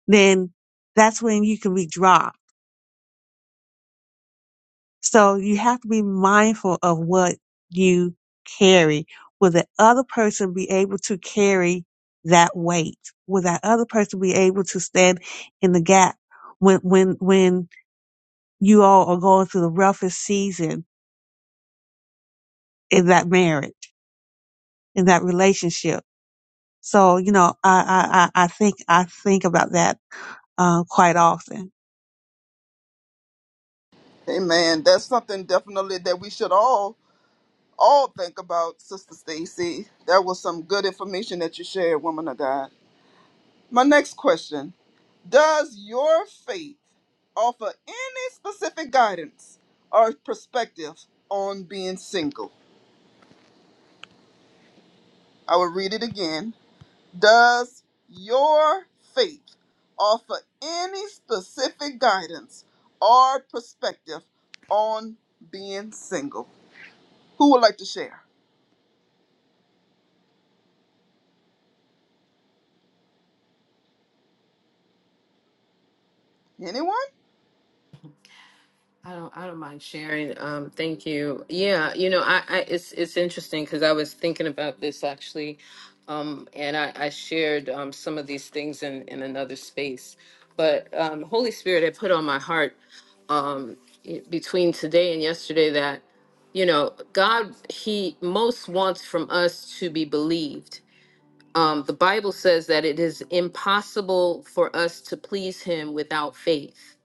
Speaker 2: then that's when you can be dry So you have to be mindful of what you carry. Will the other person be able to carry that weight? Will that other person be able to stand in the gap when, when, when you all are going through the roughest season in that marriage, in that relationship? So, you know, I, I, I I think, I think about that, uh, quite often.
Speaker 1: Amen. That's something definitely that we should all all think about, Sister Stacy. That was some good information that you shared, woman of God. My next question. Does your faith offer any specific guidance or perspective on being single? I will read it again. Does your faith offer any specific guidance or perspective on being single? Who would like to share? Anyone?
Speaker 8: I don't I don't mind sharing. Um, thank you. Yeah, you know, I, I it's it's interesting because I was thinking about this actually, um, and I, I shared um, some of these things in in another space. But um, Holy Spirit had put on my heart um, i- between today and yesterday that you know God He most wants from us to be believed. Um, the Bible says that it is impossible for us to please Him without faith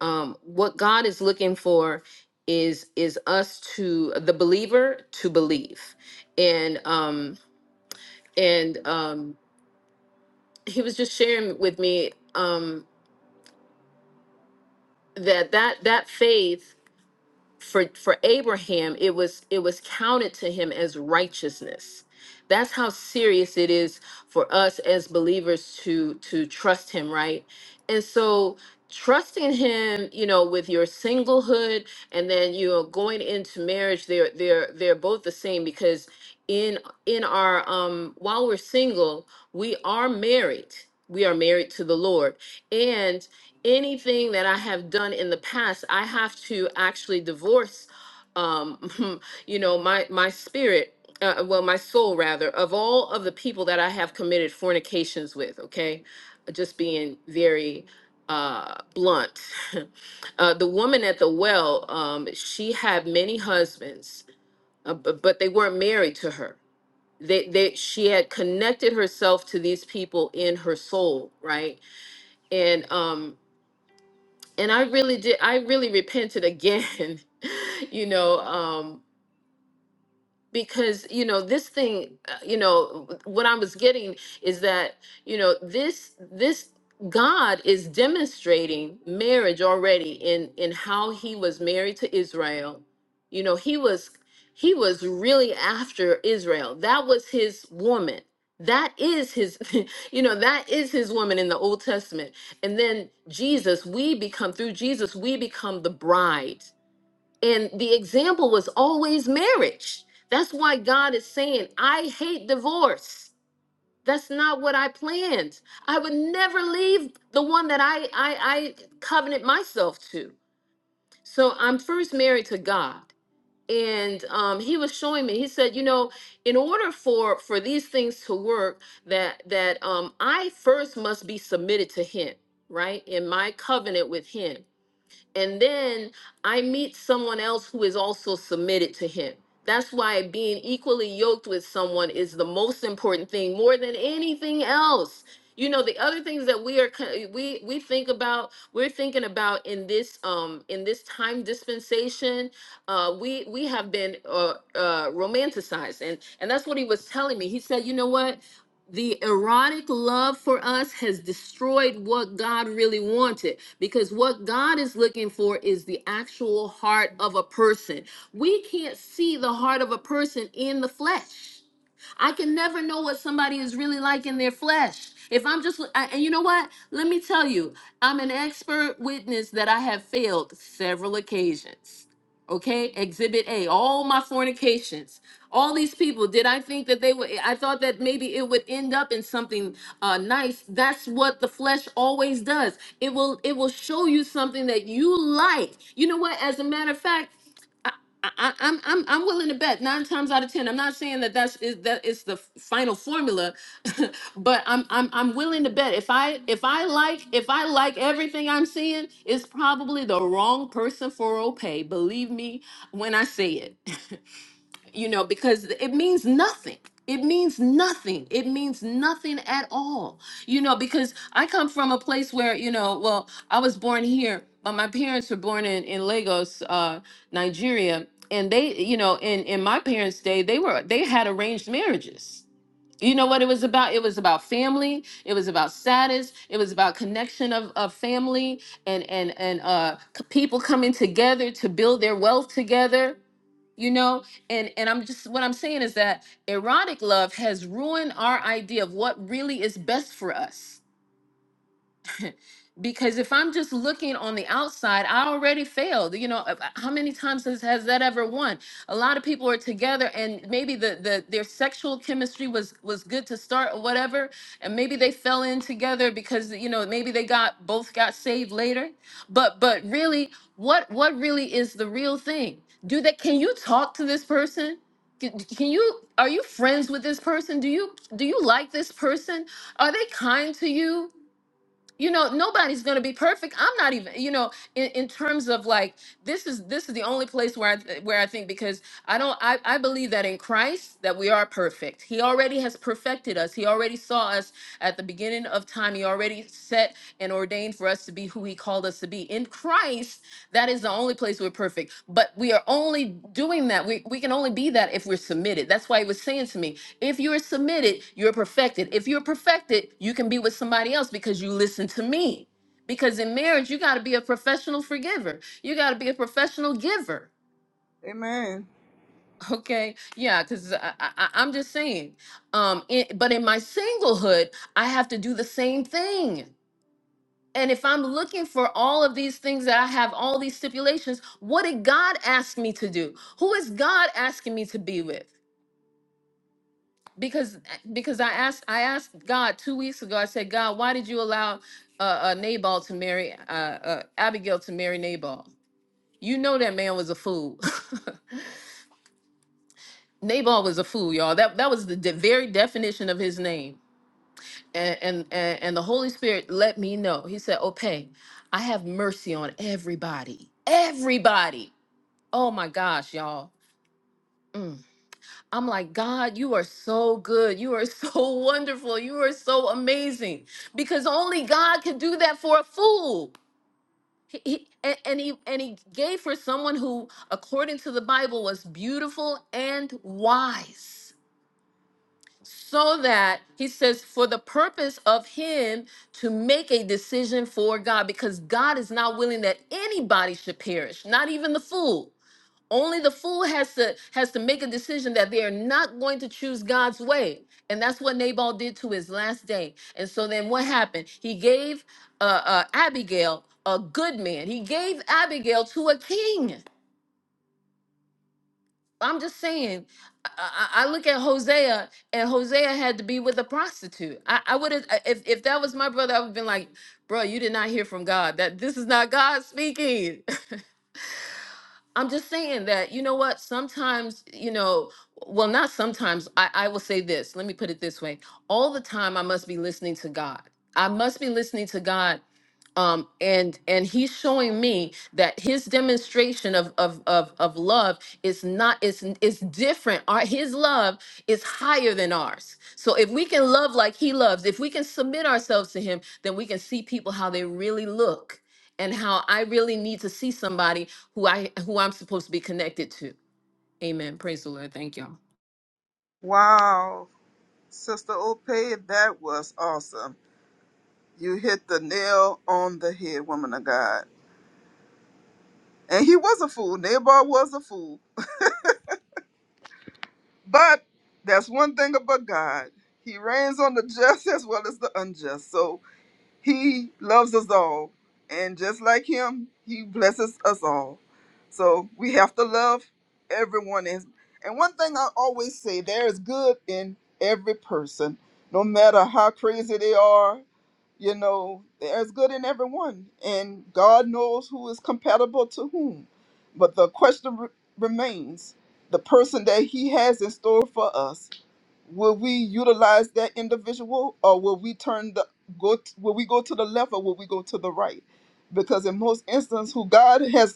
Speaker 8: um, what God is looking for is is us to the believer to believe, and um, and um, he was just sharing with me um, that that that faith for for Abraham it was it was counted to him as righteousness. That's how serious it is for us as believers to to trust him, right? And so trusting him, you know, with your singlehood and then you know going into marriage, they're they're they're both the same because in in our um while we're single, we are married. We are married to the Lord. And anything that I have done in the past, I have to actually divorce, um, *laughs* you know, my my spirit, uh, well, my soul rather, of all of the people that I have committed fornications with. Okay, just being very uh, blunt. *laughs* uh, the woman at the well, um, she had many husbands, uh, but, but they weren't married to her. They, they, she had connected herself to these people in her soul, right? And um, and I really did I really repented again, *laughs* you know, um because you know this thing uh, you know what i was getting is that you know this this god is demonstrating marriage already in in how he was married to israel you know he was he was really after israel that was his woman that is his *laughs* you know that is his woman in the old testament and then jesus we become through jesus we become the bride and the example was always marriage. That's why God is saying, I hate divorce. That's not what I planned. I would never leave the one that I, I, I covenant myself to. So I'm first married to God. And um, he was showing me, he said, you know, in order for for these things to work, that that um, I first must be submitted to him, right? In my covenant with him and then I meet someone else who is also submitted to him. That's why being equally yoked with someone is the most important thing more than anything else. You know, the other things that we are co- we we think about, we're thinking about in this um in this time dispensation, uh we we have been uh uh romanticized and and that's what he was telling me. He said, "You know what? the erotic love for us has destroyed what God really wanted because what God is looking for is the actual heart of a person. We can't see the heart of a person in the flesh. I can never know what somebody is really like in their flesh. If I'm just, I- and you know what? Let me tell you, I'm an expert witness that I have failed several occasions. Okay, exhibit A, all my fornications, all these people. Did I think that they would? I thought that maybe it would end up in something uh, nice. That's what the flesh always does. It will, it will show you something that you like. You know what? As a matter of fact. I, I- I'm I'm I'm willing to bet nine times out of ten. I'm not saying that that's is that it's the final formula, *laughs* but I'm I'm I'm willing to bet if I if I like if I like everything I'm seeing, it's probably the wrong person for Opay. Believe me when I say it. *laughs* you know, because it means nothing. It means nothing. It means nothing at all. You know, because I come from a place where, you know, well, I was born here, but my parents were born in, in Lagos, uh, Nigeria. And they, you know, in, in my parents' day, they were they had arranged marriages. You know what it was about? It was about family, it was about status, it was about connection of, of family and and and uh c- people coming together to build their wealth together you know and and i'm just what i'm saying is that erotic love has ruined our idea of what really is best for us because if i'm just looking on the outside i already failed you know uh, uh, how many times has, has that ever won a lot of people are together and maybe the, the their sexual chemistry was was good to start or whatever and maybe they fell in together because you know maybe they got both got saved later but but really what what really is the real thing do that can you talk to this person can can you are you friends with this person do you do you like this person are they kind to you you know nobody's going to be perfect i'm not even you know in, in terms of like this is this is the only place where i th- where i think because i don't I, I believe that in christ that we are perfect he already has perfected us he already saw us at the beginning of time he already set and ordained for us to be who he called us to be in christ that is the only place we're perfect but we are only doing that we, we can only be that if we're submitted that's why he was saying to me if you're submitted, you're perfected. If you're perfected, you can be with somebody else because you listen to me. Because in marriage, you got to be a professional forgiver. You got to be a professional giver.
Speaker 1: Amen.
Speaker 8: *laughs* Okay, yeah, because I, I, I'm just saying. Um, it, but in my singlehood, I have to do the same thing. And if I'm looking for all of these things that I have, all these stipulations, what did God ask me to do? Who is God asking me to be with? because because I asked I asked God two weeks ago. I said, God, why did you allow uh, uh Nabal to marry uh, uh Abigail to marry Nabal? You know that man was a fool. *laughs* Nabal was a fool, y'all. That that was the de- very definition of his name. And, and and and the Holy Spirit let me know. He said, "Okay, I have mercy on everybody, everybody." Oh my gosh, y'all. Mm. I'm like, God, you are so good. You are so *laughs* wonderful. You are so amazing. Because only God can do that for a fool. He, he- and, and he and he gave for someone who, according to the Bible, was beautiful and wise. So that he says, for the purpose of him to make a decision for God, because God is not willing that anybody should perish, not even the fool only the fool has to has to make a decision that they are not going to choose God's way, and that's what Nabal did to his last day. And so then what happened? He gave uh, uh, Abigail a good man. He gave Abigail to a king. I'm just saying. I, I I look at Hosea, and Hosea had to be with a prostitute. I, I would have if if that was my brother, I would have been like, "Bro, you did not hear from God. That this is not God speaking." I'm just saying that, you know what? Sometimes, you know, well, not sometimes. I, I will say this. Let me put it this way. All the time, I must be listening to God. I must be listening to God um and and he's showing me that his demonstration of of of, of love is not is is different our his love is higher than ours so if we can love like he loves if we can submit ourselves to him then we can see people how they really look and how i really need to see somebody who i who i'm supposed to be connected to amen praise the lord thank y'all
Speaker 1: Wow. Sister Ope, that was awesome. You hit the nail on the head, woman of God. And he was a fool. Nabal was a fool. *laughs* But that's one thing about God. He reigns on the just as well as the unjust. So He loves us all. And just like him, he blesses us all. So we have to love everyone. And and one thing I always say there is good in every person, no matter how crazy they are. You know, there's good in everyone. And God knows who is compatible to whom. But the question re- remains the person that he has in store for us will we utilize that individual or will we turn the go will we go to the left or will we go to the right because in most instances who god has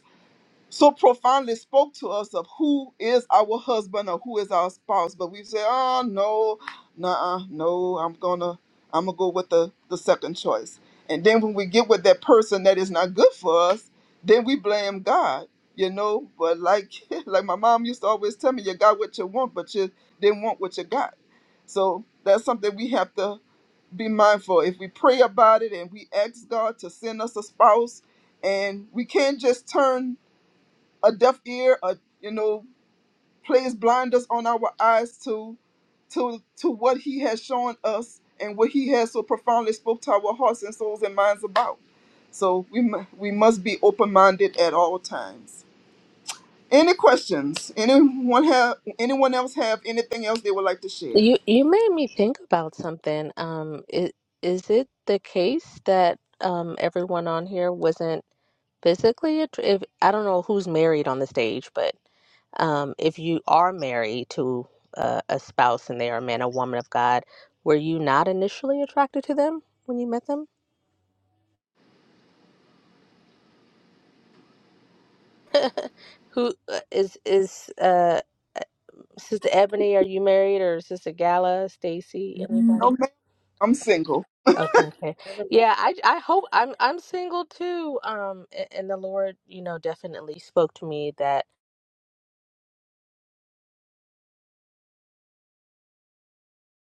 Speaker 1: so profoundly spoke to us of who is our husband or who is our spouse. But we say, oh no, nah, no, I'm gonna I'm gonna go with the, the second choice. And then when we get with that person that is not good for us, then we blame God. You know, but like *laughs* like my mom used to always tell me, you got what you want, but you didn't want what you got. So that's something we have to be mindful. If we pray about it and we ask God to send us a spouse, and we can't just turn a deaf ear, a you know, plays blinders on our eyes to to to what he has shown us and what he has so profoundly spoke to our hearts and souls and minds about. So we mu- we must be open minded at all times. Any questions? Anyone have anyone else have anything else they would like to share?
Speaker 7: You you made me think about something. Um, i- is it the case that um everyone on here wasn't? physically att- if I don't know who's married on the stage, but um, if you are married to uh, a spouse and they are a man or woman of God, were you not initially attracted to them when you met them? Who uh, is is uh, uh, Sister Ebony? Are you married or Sister Gala, Stacy,
Speaker 1: No,
Speaker 7: anybody?
Speaker 1: ma'am. I'm single,
Speaker 7: Okay, okay,
Speaker 3: Never mind.
Speaker 7: yeah. I I hope I'm I'm single too. Um, a- and the Lord, you know, definitely spoke to me that.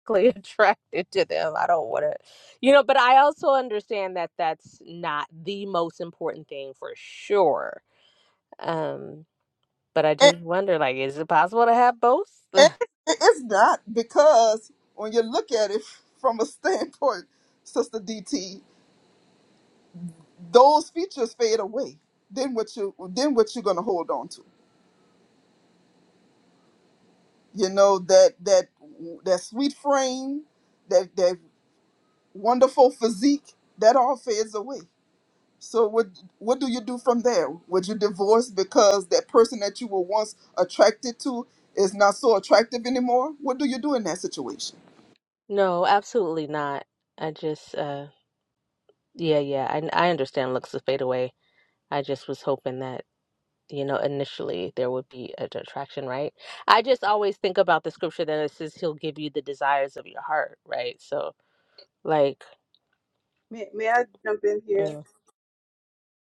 Speaker 7: physically *laughs* attracted to them. I don't want to, you know, but I also understand that that's not the most important thing for sure. Um, but I
Speaker 1: and,
Speaker 7: just wonder, like, is it possible to have both? *laughs*
Speaker 1: and it- it's not because when you look at it from a standpoint, Sister DT. those features fade away then what you then what you're gonna hold on to you know that that that sweet frame that that wonderful physique that all fades away so what what do you do from there would you divorce because that person that you were once attracted to is not so attractive anymore what do you do in that situation
Speaker 7: No, absolutely not. I just, uh, yeah, yeah, I, I understand looks will fade away. I just was hoping that, you know, initially there would be an attraction, right? I just always think about the scripture that it says he'll give you the desires of your heart, right? So, like,
Speaker 3: May, may I jump in here?
Speaker 7: mm.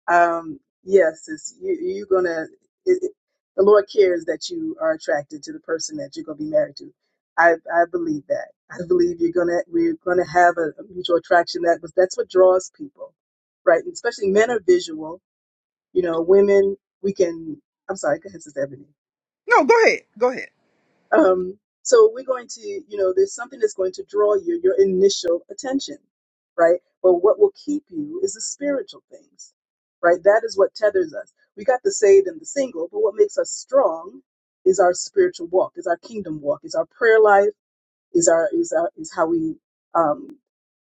Speaker 3: Um, yes, it's, you, you're gonna. It, it- the Lord cares that you are attracted to the person that you're gonna be married to. I I believe that. I believe you're gonna we're gonna have a, a mutual attraction that was that's what draws people, right? And especially men are visual. You know, women we can. I'm sorry, go ahead, Sister Ebony.
Speaker 1: No, go ahead. Go ahead.
Speaker 3: Um, so we're going to, you know, there's something that's going to draw you, your initial attention, right? But what will keep you is the spiritual things, right? That is what tethers us. We got the saved and the single, but what makes us strong is our spiritual walk, is our kingdom walk, is our prayer life is our is our, is how we um,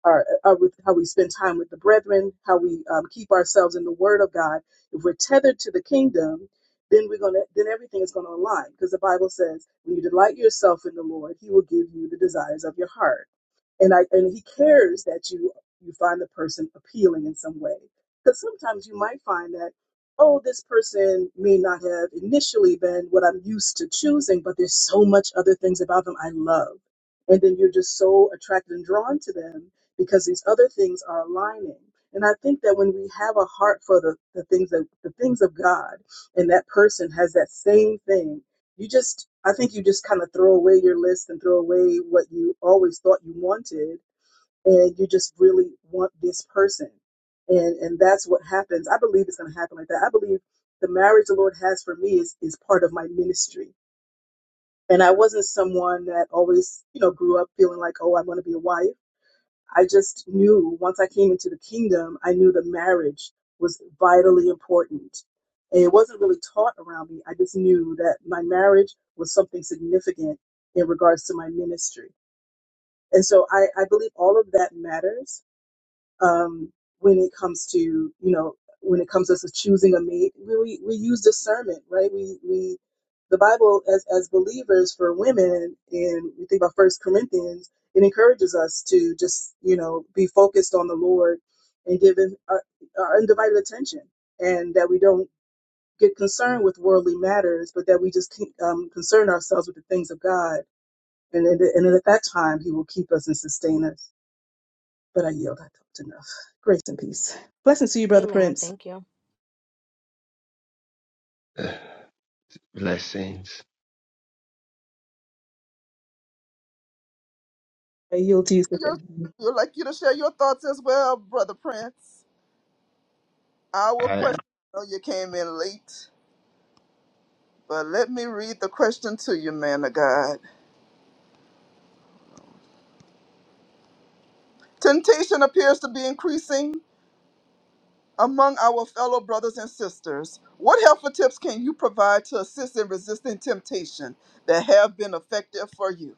Speaker 3: are, are with how we spend time with the brethren, how we um, keep ourselves in the Word of God. If we're tethered to the kingdom, then we're gonna then everything is gonna align because the Bible says when you delight yourself in the Lord, He will give you the desires of your heart and I and he cares that you you find the person appealing in some way. Because sometimes you might find that oh, this person may not have initially been what I'm used to choosing, but there's so much other things about them I love, and then you're just so attracted and drawn to them because these other things are aligning. And I think that when we have a heart for the, the things that the things of God, and that person has that same thing you just i think you just kind of throw away your list and throw away what you always thought you wanted and you just really want this person and and that's what happens i believe it's going to happen like that i believe the marriage the lord has for me is is part of my ministry and i wasn't someone that always you know grew up feeling like oh i want to be a wife I just knew once I came into the kingdom, I knew the marriage was vitally important. And it wasn't really taught around me. I just knew that my marriage was something significant in regards to my ministry. And so I, I believe all of that matters um, when it comes to you know when it comes to us choosing a mate we, we use discernment right we we the bible as as believers for women and we think about first corinthians it encourages us to just you know be focused on the lord and give him our, our undivided attention and that we don't get concerned with worldly matters but that we just keep, um, concern ourselves with the things of god and, and and at that time he will keep us and sustain us but I yield. I talked enough. Grace and peace. Blessings to you, Brother
Speaker 7: amen.
Speaker 3: Prince.
Speaker 7: Thank you.
Speaker 9: *sighs* Blessings.
Speaker 3: I yield to you, sister.
Speaker 1: You're- you'd like you to share your thoughts as well brother prince our
Speaker 9: I
Speaker 1: question I know you came in late But let me read the question to you, man of God. Temptation appears to be increasing among our fellow brothers and sisters. What helpful tips can you provide to assist in resisting temptation that have been effective for you?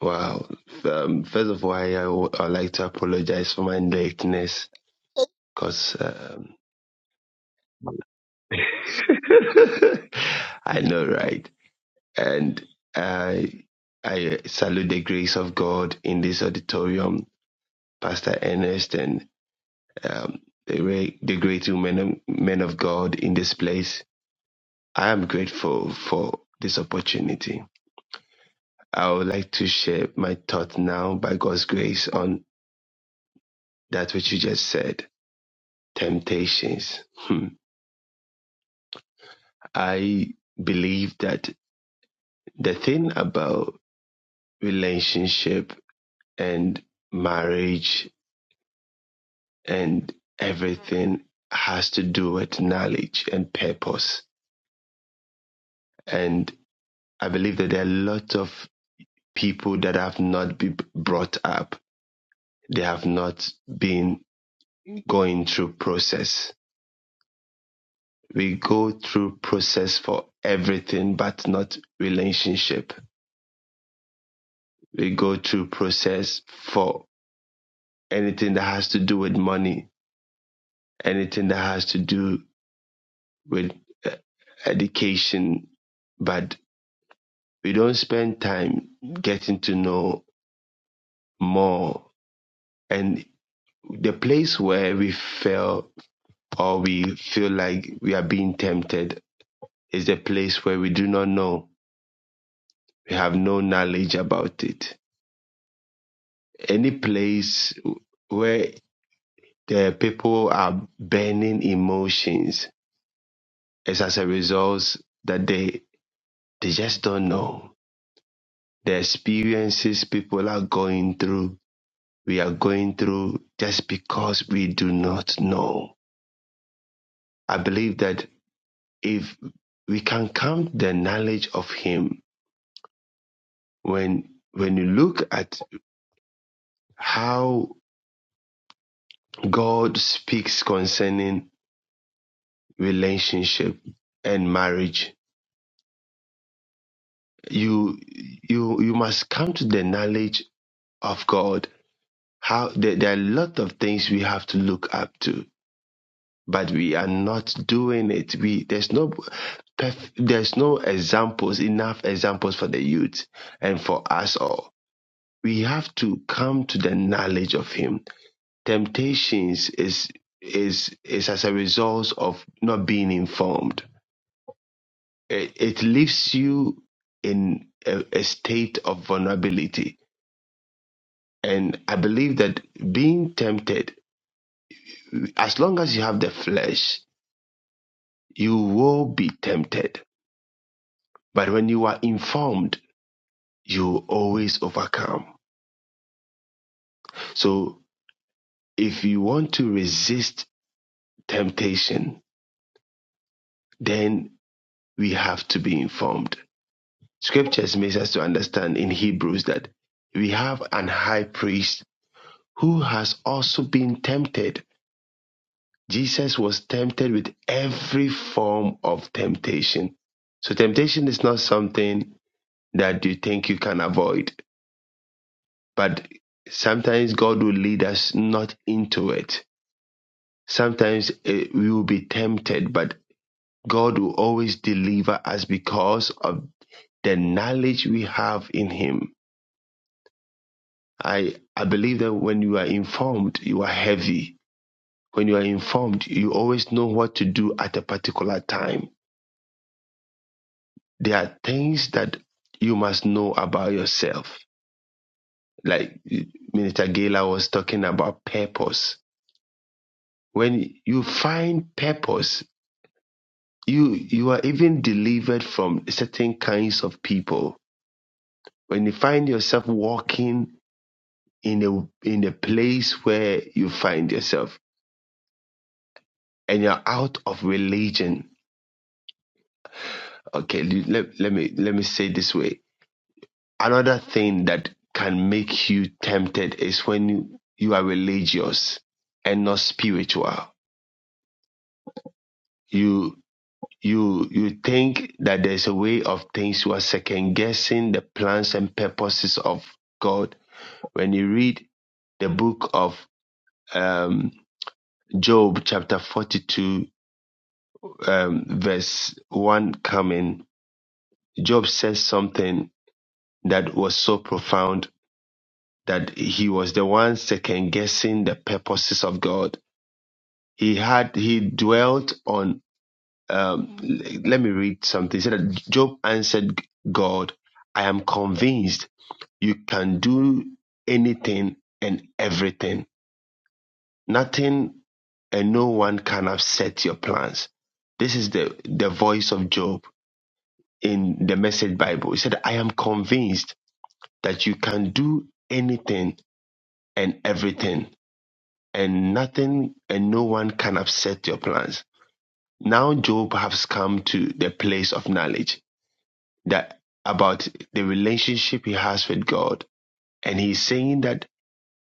Speaker 9: wow. Um, first of all, I, I would I'd like to apologize for my lateness because um, *laughs* I know, right? And I I salute the grace of God in this auditorium, Pastor Ernest, and um, the re- the great men of, men of God in this place. I am grateful for this opportunity. I would like to share my thought now, by God's grace, on that which you just said. temptations. Hmm. I believe that the thing about relationship and marriage and everything has to do with knowledge and purpose. And I believe that there are a lot of people that have not been brought up. They have not been going through process. We go through process for everything, but not relationship. We go through process for anything that has to do with money, anything that has to do with uh, education, but we don't spend time getting to know more. And the place where we fail, or we feel like we are being tempted is the place where we do not know, we have no knowledge about it. Any place where the people are burning emotions is as a result that they They just don't know the experiences people are going through. We are going through just because we do not know. I believe that if we can come to the knowledge of Him, when when you look at how God speaks concerning relationship and marriage, you you you must come to the knowledge of God. How there, there are a lot of things we have to look up to but we are not doing it. We there's no perf- there's no examples enough examples for the youth and for us all. We have to come to the knowledge of Him. Temptations is is is as a result of not being informed. It, it leaves you in a, a state of vulnerability. And I believe that being tempted, as long as you have the flesh, you will be tempted But when you are informed, you always overcome. So if you want to resist temptation, then we have to be informed. Scriptures makes us to understand in Hebrews that we have an high priest who has also been tempted. Jesus was tempted with every form of temptation. So temptation is not something that you think you can avoid, but sometimes God will lead us not into it Sometimes eh, we will be tempted, but God will always deliver us because of the knowledge we have in Him. I, I believe that when you are informed, you are heavy. When you are informed, you always know what to do at a particular time. There are things that you must know about yourself. Like eh, Minister Gela was talking about purpose. When you find purpose, you you are even delivered from certain kinds of people When you find yourself walking in a in a place where you find yourself and you're out of religion, okay, let, let me let me say it this way. Another thing that can make you tempted is when you, you are religious and not spiritual. You you you think that there's a way of things you are second guessing the plans and purposes of God. When you read the book of um, Job chapter 42 um, verse 1 coming, Job says something that was so profound that he was the one second guessing the purposes of God. He had, he dwelt on, um, l- let me read something. He said that Job answered God, I am convinced you can do anything and everything. Nothing and no one can upset your plans. This is the, the voice of Job in the message Bible. He said, I am convinced that you can do anything and everything, and nothing and no one can upset your plans. Now Job has come to the place of knowledge that about the relationship he has with God. And he's saying that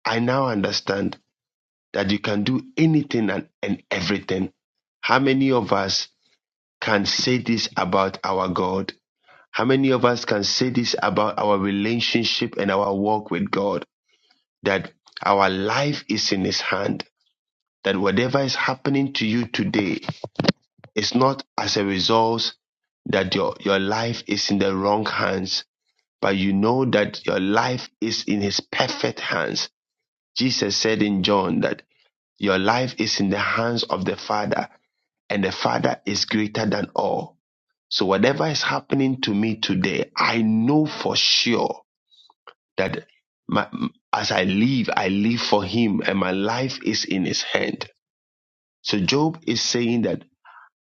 Speaker 9: I now understand that you can do anything and, and everything. How many of us can say this about our God? How many of us can say this about our relationship and our walk with God? That our life is in His hand. That whatever is happening to you today is not as a result that your, your life is in the wrong hands, but you know that your life is in His perfect hands. Jesus said in John that your life is in the hands of the Father, and the Father is greater than all. So whatever is happening to me today, I know for sure that my, as I live, I live for him and my life is in his hand. So Job is saying that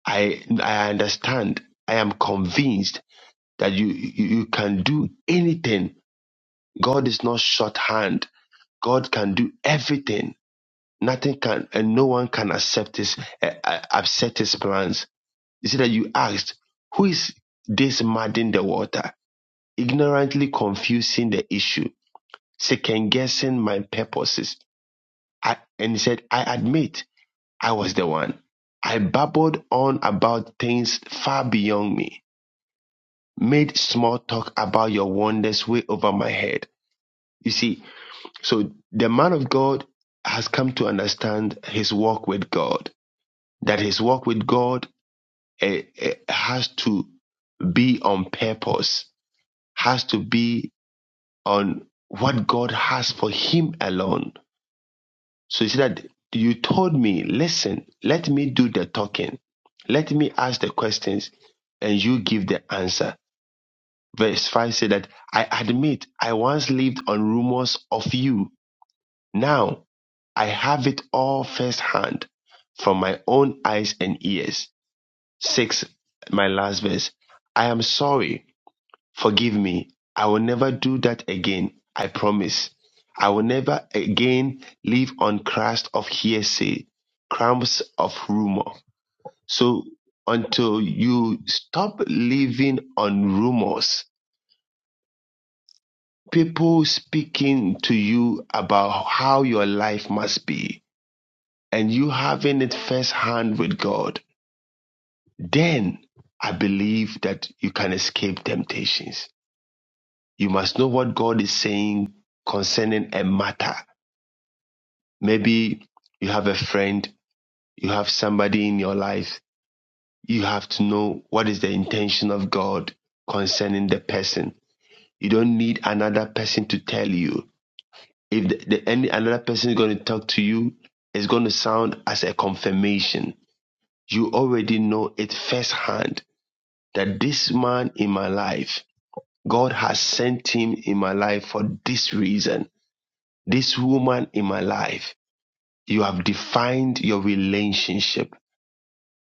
Speaker 9: I, I understand, I am convinced that you, you, you can do anything. God is not shorthand. God can do everything. Nothing can, and no one can accept his, uh, uh, upset his plans. You see that you asked, who is this muddying the water? Ignorantly confusing the issue, second guessing my purposes I, and he said, I admit I was the one. I babbled on about things far beyond me, made small talk about your wonders way over my head. You see, so the man of God has come to understand his walk with God, that his walk with God eh, eh, has to be on purpose, has to be on what God has for him alone So you see that you told me, listen, let me do the talking. Let me ask the questions and you give the answer. Verse 5 said that I admit I once lived on rumors of you. Now I have it all firsthand from my own eyes and ears. 6, my last verse. I am sorry Forgive me. I will never do that again. I promise. I will never again live on crust of hearsay, crumbs of rumor. So until you stop living on rumors, people speaking to you about how your life must be, and you having it firsthand with God, then I believe that you can escape temptations. You must know what God is saying concerning a matter. Maybe you have a friend, you have somebody in your life. You have to know what is the intention of God concerning the person. You don't need another person to tell you. If the, the, any another person is going to talk to you, it's going to sound as a confirmation. You already know it firsthand that this man in my life, God has sent him in my life for this reason this woman in my life. You have defined your relationship.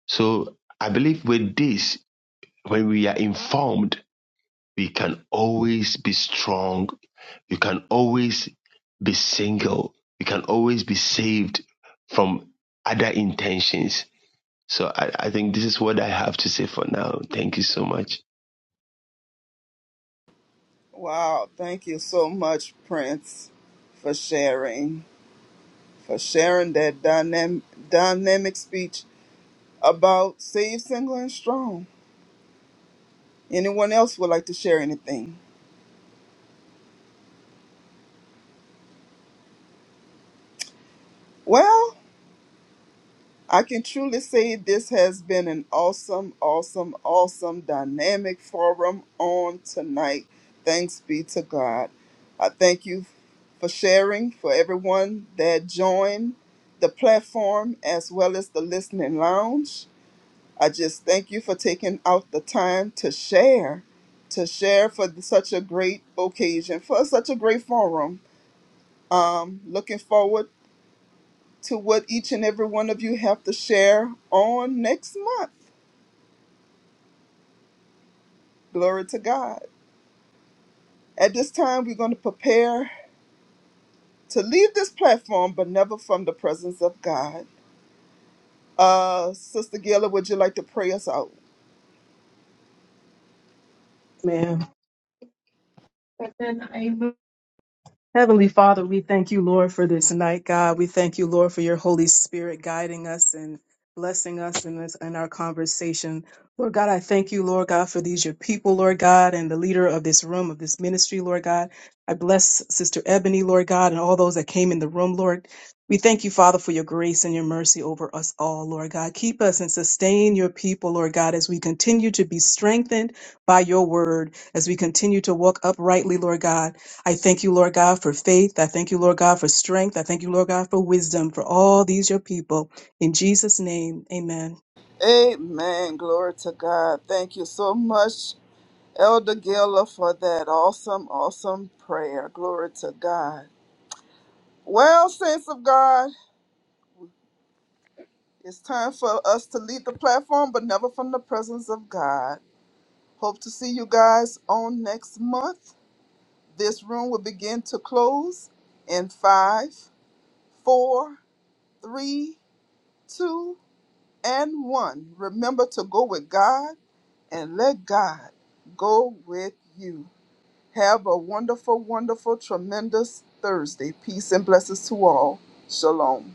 Speaker 9: So I believe with this, when we are informed, we can always be strong. You can always be single. You can always be saved from other intentions. So I, I think this is what I have to say for now. Thank you so much.
Speaker 1: Wow, thank you so much, Prince, for sharing, for sharing that dynam- dynamic speech about Save Single and Strong. Anyone else would like to share anything? Well, I can truly say this has been an awesome, awesome, awesome dynamic forum on tonight. Thanks be to God. I thank you for sharing, for everyone that joined the platform as well as the listening lounge. I just thank you for taking out the time to share, to share for such a great occasion, for such a great forum. Um, looking forward to what each and every one of you have to share on next month. Glory to God. At this time, we're going to prepare to leave this platform, but never from the presence of God. Uh, Sister Gila, would you like to pray us out?
Speaker 3: Ma'am. Heavenly Father, we thank you, Lord, for this night, God. We thank you, Lord, for your Holy Spirit guiding us and blessing us in this in our conversation. Lord God, I thank you, Lord God, for these your people, Lord God, and the leader of this room, of this ministry, Lord God. I bless Sister Ebony, Lord God, and all those that came in the room, Lord. We thank you, Father, for your grace and your mercy over us all, Lord God. Keep us and sustain your people, Lord God, as we continue to be strengthened by your word, as we continue to walk uprightly, Lord God I thank you, Lord God, for faith. I thank you, Lord God, for strength. I thank you, Lord God, for wisdom for all these your people. In Jesus' name, amen.
Speaker 1: Amen. Glory to God. Thank you so much, Elder Gila, for that awesome, awesome prayer. Glory to God. Well, saints of God, it's time for us to leave the platform, but never from the presence of God. Hope to see you guys on next month. This room will begin to close in five, four, three, two, and one. Remember to go with God and let God go with you. Have a wonderful, wonderful, tremendous Thursday. Peace and blessings to all. Shalom.